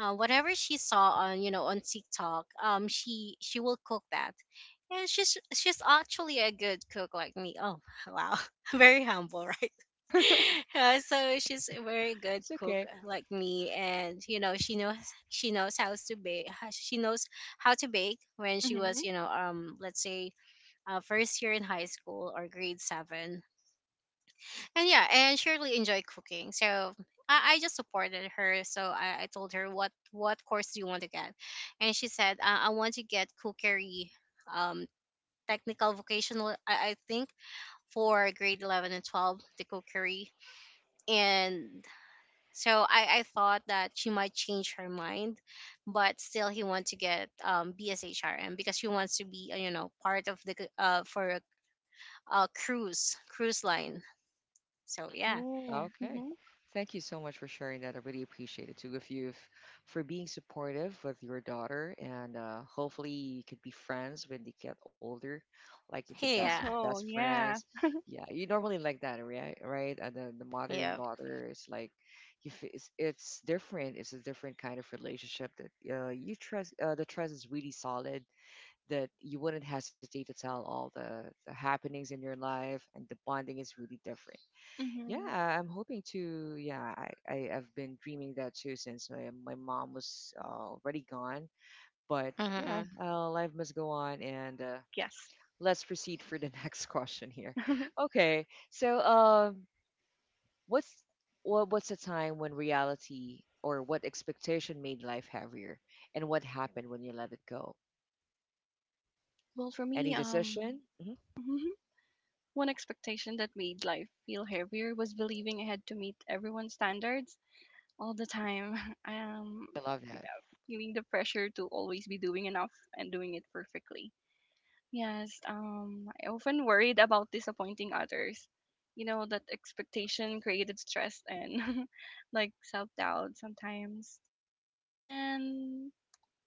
uh, whatever she saw on, you know, on TikTok, um, she she will cook that. And she's she's actually a good cook like me." Oh wow, [laughs] very humble, right? [laughs] Yeah, so she's a very good
it's
cook,
okay.
uh, like me. And you know, she knows she knows how to bake. She knows how to bake when she was,
Mm-hmm.
you know, um let's say uh, first year in high school, or grade seven. And yeah, and Shirley really enjoyed cooking. So I, I just supported her. So I, I told her, "What what course do you want to get?" And she said, uh, "I want to get cookery, um, technical vocational." I, I think for grade eleven and twelve, the cookery. And so I, I thought that she might change her mind, but still he wants to get, um, B S H R M because she wants to be, uh, you know, part of the c- uh, for a a cruise cruise line. So yeah.
Oh,
Okay.
mm-hmm.
Thank you so much for sharing that. I really appreciate it, too. If you For being supportive with your daughter, and uh, hopefully you could be friends when they get older, like the best of
Yeah.
best
Oh,
friends.
yeah.
Yeah, you normally like that, right? Right? Uh, the the mother and
Yeah.
daughter is like, you f- it's, it's different. It's a different kind of relationship that uh, you trust. Uh, the trust is really solid. That you wouldn't hesitate to tell all the, the happenings in your life, and the bonding is really different.
Mm-hmm.
Yeah, I'm hoping to. Yeah, I, I have been dreaming that too since my, my mom was uh, already gone. But yeah,
Mm-hmm.
uh, life must go on, and uh,
Yes.
let's proceed for the [laughs] next question here.
[laughs]
Okay, so um, what's what, what's the time when reality or what expectation made life heavier, and what happened when you let it go?
Well, for
Any
me,
decision?
um,
Hmm
mhm, one expectation that made life feel heavier was believing I had to meet everyone's standards all the time. [laughs] Um,
I love
yeah,
that.
feeling the pressure to always be doing enough and doing it perfectly. Yes, um, I often worried about disappointing others. You know, that expectation created stress and [laughs] like self doubt sometimes. And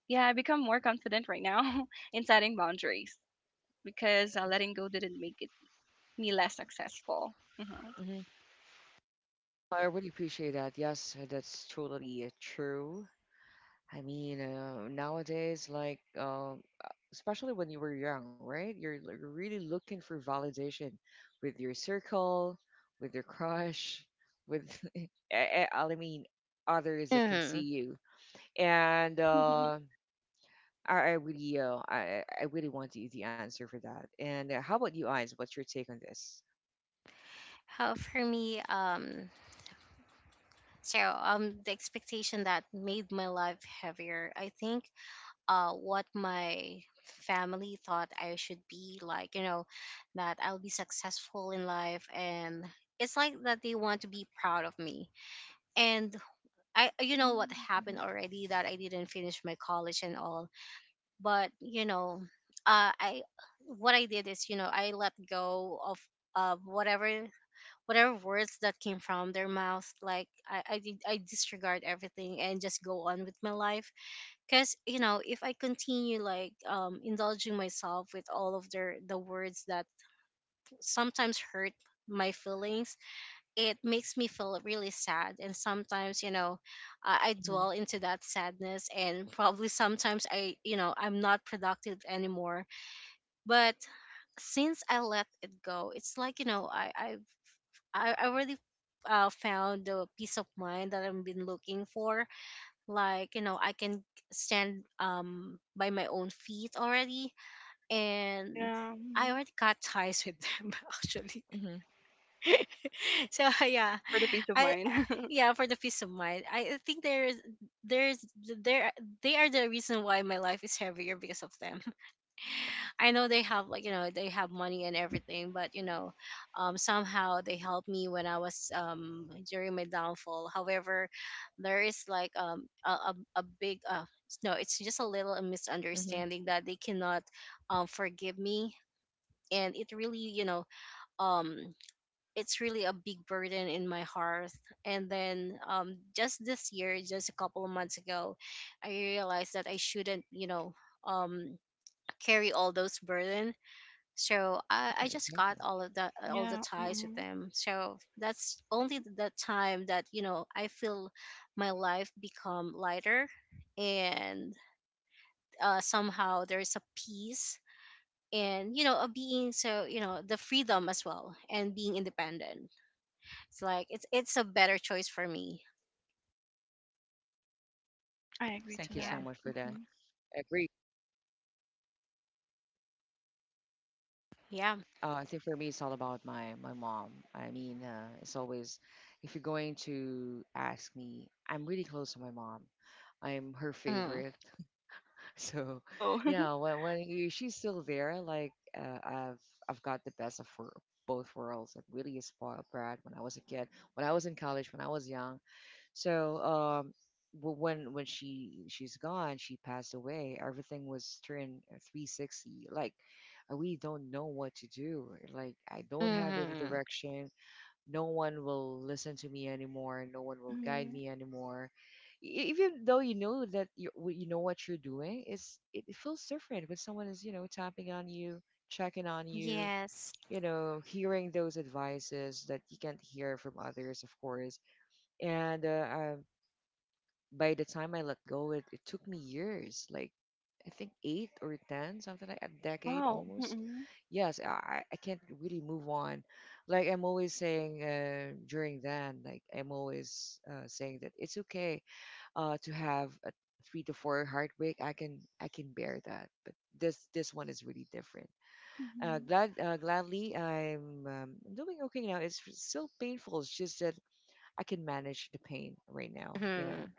yeah, I become more confident right now [laughs] in setting boundaries because uh, letting go didn't make it me less successful. Mhm.
Hmm I really appreciate that. Yes, that's totally uh, true. I mean, uh, nowadays, like, um, uh, especially when you were young, right? You're l- really looking for validation with your circle, with your crush, with, [laughs] I, I I mean, others that can see
Hmm.
you. And uh,
[laughs]
I, I really, uh, I, I really want the, the answer for that. And uh, how about you, Eyes? What's your take on this?
How for me, um, so um, the expectation that made my life heavier, I think, uh, what my family thought I should be like, you know, that I'll be successful in life, and it's like that they want to be proud of me. And I, you know, what
Mhm,
happened
mhm.
already, that I didn't finish my college and all. But you know, uh, I, what I did is, you know, I let go of. Of whatever whatever words that came from their mouth. Like i i, did, I disregard everything and just go on with my life. Because you know, if I continue, like, um indulging myself with all of their the words that sometimes hurt my feelings, it makes me feel really sad. And sometimes, you know, I, I
Mm-hmm.
dwell into that sadness, and probably sometimes I you know I'm not productive anymore. But since I let it go, it's like, you know, I I I, I really, uh, found the peace of mind that I've been looking for. Like, you know, I can stand, um by my own feet already. And
Yeah,
I
mhm.
already got ties with them [laughs] actually.
Mm-hmm.
[laughs] So yeah,
For the peace of
I
mind. [laughs]
yeah, for the peace of mind. I I think there's there's there they are the reason why my life is heavier because of them. I know they have, like, you know, they have money and everything, but you know, um, somehow they helped me when I was, um during my downfall. However, there is like, um a a, a big uh s- no, it's just a little
Mm-hmm. Yeah,
misunderstanding that they cannot um forgive me. And it really, you know, um it's really a big burden in my heart. And then, um just this year, just a couple of months ago, I realized that I shouldn't, you know, um carry all those burden. So I, I just got
exactly.
all of the all the
Yeah,
ties with
mhm.
them. So that's only the time that, you know, I feel my life become lighter. And uh, somehow there is a peace, and you know, a being, so you know, the freedom as well, and being independent. It's like it's it's a better choice for me.
I agree
Thank you
to
so
Yeah,
that.
much for that.
Hmm
Agree.
yeah.
Uh, I think for me, it's all about my my mom. I mean, uh, it's always if you're going to ask me, I'm really close to my mom. I'm her
Mm.
favorite. [laughs] So,
Oh, [laughs]
yeah, when when you- she's still there, like uh, I've I've got the best of her both worlds. I'm really a spoiled brat when I was a kid, when I was in college, when I was young. So, um, w- when when she she's gone, she passed away. Everything was turned three sixty. Like, I really don't know what to do. Like, I don't have any
Hmm.
direction. No one will listen to me anymore. No one will guide
hmm
me anymore. E- e, even though you know that you you know what you're doing, it's it it feels different when someone is, you know, tapping on you, checking on you,
Yes.
you know, hearing those advices that you can't hear from others, of course. And uh, uh, by the time I let go, it, it took me years, like I think eight or ten, something like a decade
wow.
almost.
hmm
Yes, I, I can't really move on. Like I'm always saying uh, during then, like I'm always uh, saying that it's okay uh, to have a three to four heartbreak. I can I can bear that, but this this one is really different. Uh,
hmm
glad uh, gladly I'm um, doing okay now. It's still painful. It's just that I can manage the pain right now. You know,
Hmm.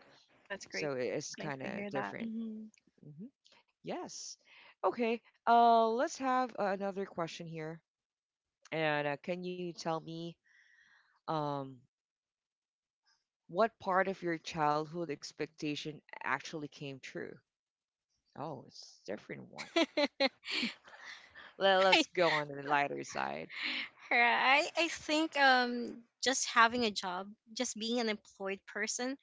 That's great.
so it- it's
Nice
kind
to hear
of
that.
different.
Hmm
Hmm Yes. Okay. Uh, let's have uh, another question here. And uh, can you tell me um, what part of your childhood expectation actually came true? Oh, it's a different one. Let, let's
[laughs]
go on the lighter side.
Right. I think um just having a job, just being an employed person,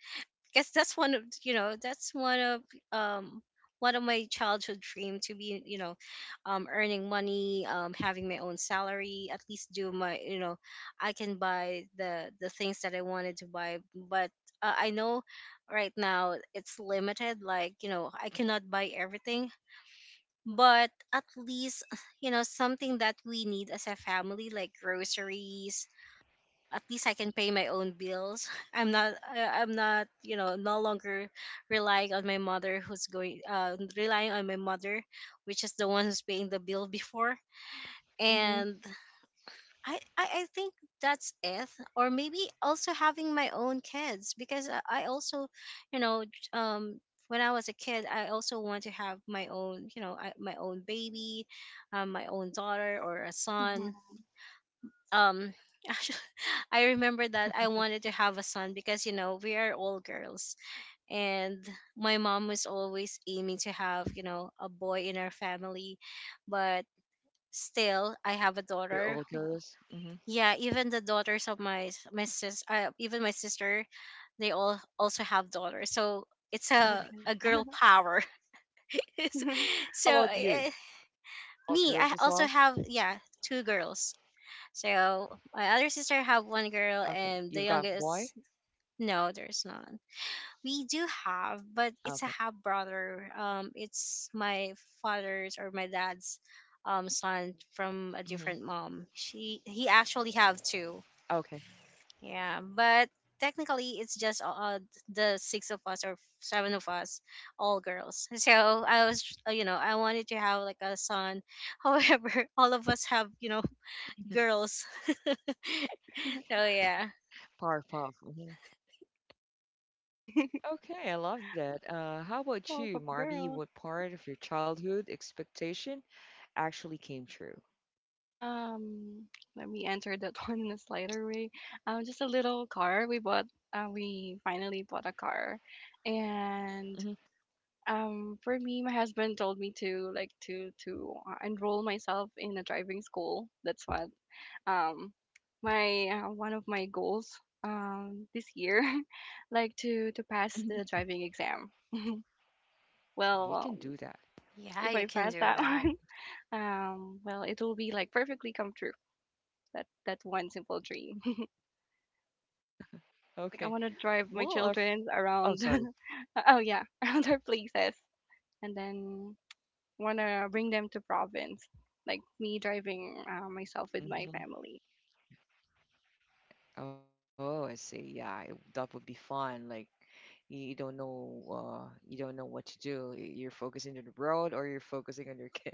because that's one of, you know, that's one of, um one of my childhood dream, to be, you know, um earning money, um having my own salary, at least do my, you know, I can buy the the things that I wanted to buy. But uh, I know right now it's limited. Like you know, I cannot buy everything, but at least, you know, something that we need as a family, like groceries. At least I can pay my own bills. [laughs] i'm not I- I'm not, you know, no longer relying on my mother who's going, uh relying on my mother, which is the one who's paying the bill before.
Mm-hmm.
And I, I, I think that's it. Or maybe also having my own kids, because I, I also, you know, j- um, when I was a kid, I also want to have my own, you know, I, my own baby, um, my own daughter or a son.
hmm
Um, [laughs] actually, I remember that I wanted to have a son, because you know, we are all girls. And my mom was always aiming to have, you know, a boy in our family. But still I have a daughter.
You're all girls. Mm-hmm.
Yeah, even the daughters of my s- my sis uh, even my sister, they all also have daughters. So it's a,
Okay.
a girl power. [laughs] It's-
[laughs]
so
How about you?
uh,
All
me,
girls
I
as
also
well?
have, yeah, two girls. So my other sister have one girl,
Okay.
and the
You've got
youngest,
boy?
no, there's none. We do have, but it's a
Okay.
half brother. Um it's my father's, or my dad's, um son from a different
Mm-hmm.
mom. She, he actually have two.
Okay.
Yeah, but technically it's just, uh, the six of us or seven of us, all girls. [laughs] So I was, uh, you know, I wanted to have like a son. [laughs] However, all of us have, you know, girls. [laughs] So yeah.
Powerpuff. Mm-hmm. Okay, I love that. Uh, how about you,
Pop-up
Marby?
girls.
What part of your childhood expectation actually came true?
Um, Let me answer that [laughs] one in a slighter way. Um, just a little car we bought. Uh, we finally bought a car, and
Mm-hmm.
um, for me, my husband told me to like to to uh, enroll myself in a driving school. That's what um my uh, one of my goals um this year, [laughs] like to to pass
hmm
the driving exam.
You
Well,
can do that.
Yeah,
if
you
I
can
pass
do
that [laughs]
that.
one, um, well, it will be like perfectly come true. That that one simple dream. [laughs] Like I
Okay.
want to drive my
Well, our f-
children
oh,
around.
sorry.
[laughs] Oh yeah, [laughs] around our places, and then want to bring them to province. Like me driving uh, myself with
Hmm
my family.
Oh, I see. Yeah, I- that would be fun. Like you you don't know, uh, you don't know what to do. Y- You're focusing on the road, or you're focusing on your [laughs] kids.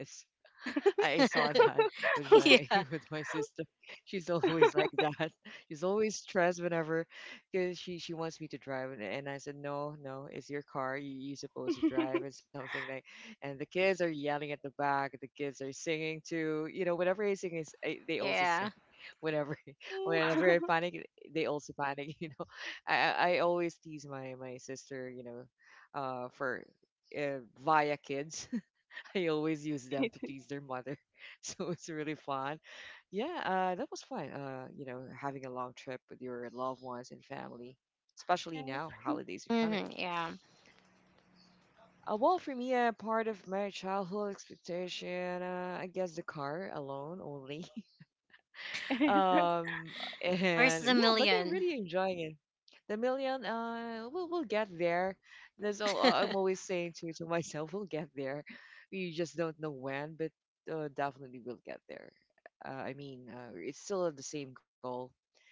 I saw that
[laughs]
with my [laughs]
Yeah,
with my sister. She's always like that. [laughs] She's always stressed whenever because she she wants me to drive, and, and I said no, no, it's your car, you you supposed to drive and something like, and the kids are yelling at the back, the kids are singing too, you know, whenever I sing is I, they also
yeah.
sing [laughs] whenever [laughs]
Ooh.
whenever I panic, they also panic [laughs] you know. I I I always tease my my sister, you know, uh for uh, via kids. I always use them to
[laughs]
tease their mother. [laughs] So it's really fun. Yeah, uh, that was fun. Uh, you know, having a long trip with your loved ones and family, especially
yes,
now holidays are coming.
Hmm. Yeah.
Uh, well, for me, uh, part of my childhood expectation, uh, I guess the car alone only. [laughs]
[laughs] is.
um
Where's
and
the
yeah, but I'm
million?
really enjoying it. The million, uh we'll, we'll get there. That's all. uh, I'm
[laughs]
always saying to, to [laughs] myself, we'll get there. We just don't know when, but uh, definitely we'll get there. uh, I mean, uh, it's still the same goal.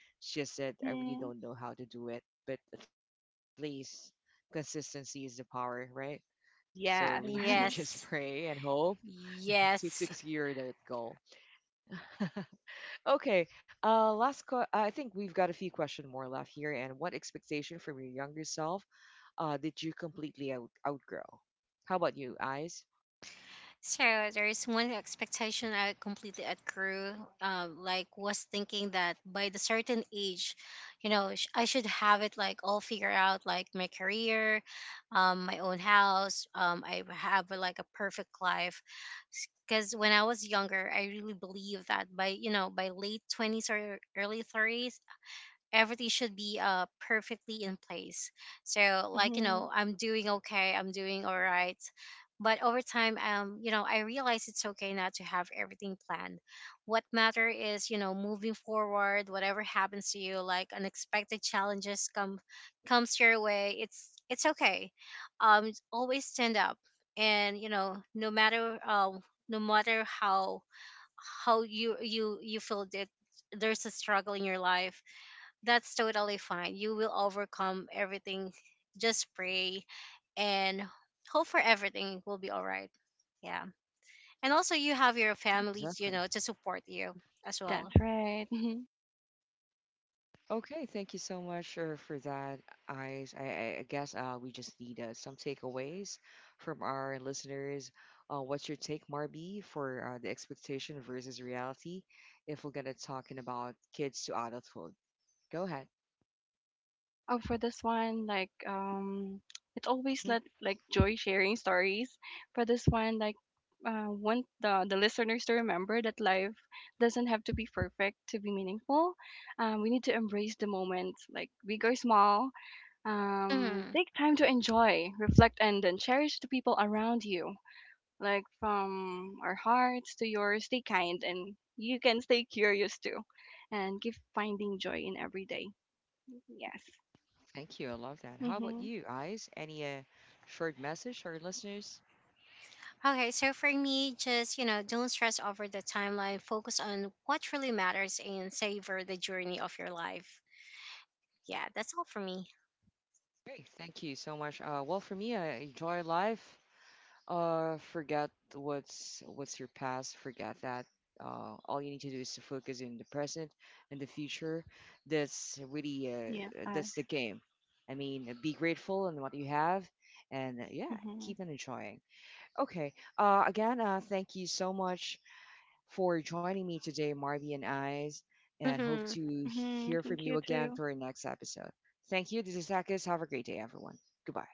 It's just that I really don't
Mhm.
know how to do it, but at least consistency is the power, right? So we need
Yes.
to [laughs] just
[laughs]
Yes.
pray and hope to
Yes.
secure that goal. [laughs] Okay. Uh, last. que- I think we've got a few questions more left here. And what expectation from your younger self uh, did you completely out- outgrow? How about you, Eyes?
So there's one expectation I completely outgrew. Um, like was thinking that by the certain age, you know, sh- I should have it like all figured out, like my career, um, my own house. Um, I have like a perfect life. Because when I was younger, I really believed that by, you know, by late twenties or early thirties, everything should be, uh perfectly in place. So like, you
Mhm.
know, I'm doing okay, I'm doing all right. But over time, um you know, I realize it's okay not to have everything planned. What matter is, you know, moving forward. Whatever happens to you, like unexpected challenges come comes your way, it's it's okay. Um always stand up. And you know, no matter, um no matter how, how you you you feel that there's a struggle in your life, that's totally fine. You will overcome everything. Just pray and hope for everything will be all right. Yeah. And also, you have your family, you
Exactly.
know, to support you as
That's
well.
right. [laughs]
Okay, thank you so much uh, for that, Eyes. I, I I guess uh, we just need uh, some takeaways from our listeners. Uh, what's your take, Marby, for uh, the expectation versus reality if we're going to talking about kids to adulthood? Go ahead.
Oh, for this one, like um, it's always let like joy sharing stories. For this one, like uh, want the the listeners to remember that life doesn't have to be perfect to be meaningful. Um, we need to embrace the moment, like big or small. Um,
Hmm.
take time to enjoy, reflect, and then cherish the people around you. Like from our hearts to yours, stay kind, and you can stay curious too, and keep finding joy in every day. Yes.
Thank you. I love that. How about
Mm-hmm.
you, Eyes? Any uh, short message for our listeners?
Okay, so for me, just, you know, don't stress over the timeline. Focus on what really matters, and savor the journey of your life. Yeah, that's all for me.
Great. Thank you so much. Uh, well, for me, I enjoy life. Uh, forget what's what's your past. Forget that. Uh, all you need to do is to focus in the present and the future. That's really
Yeah,
uh, that's the
us.
game. I mean, be grateful in what you have, and uh, yeah,
Mm-hmm.
keep on enjoying. Okay. Uh, again, uh, thank you so much for joining me today, Marvy and Eyes, and hope
Hmm.
to
Mm-hmm.
hear
Thank
from
you
you again
too.
for our next episode. Thank you. This is Akis. Have a great day, everyone. Goodbye.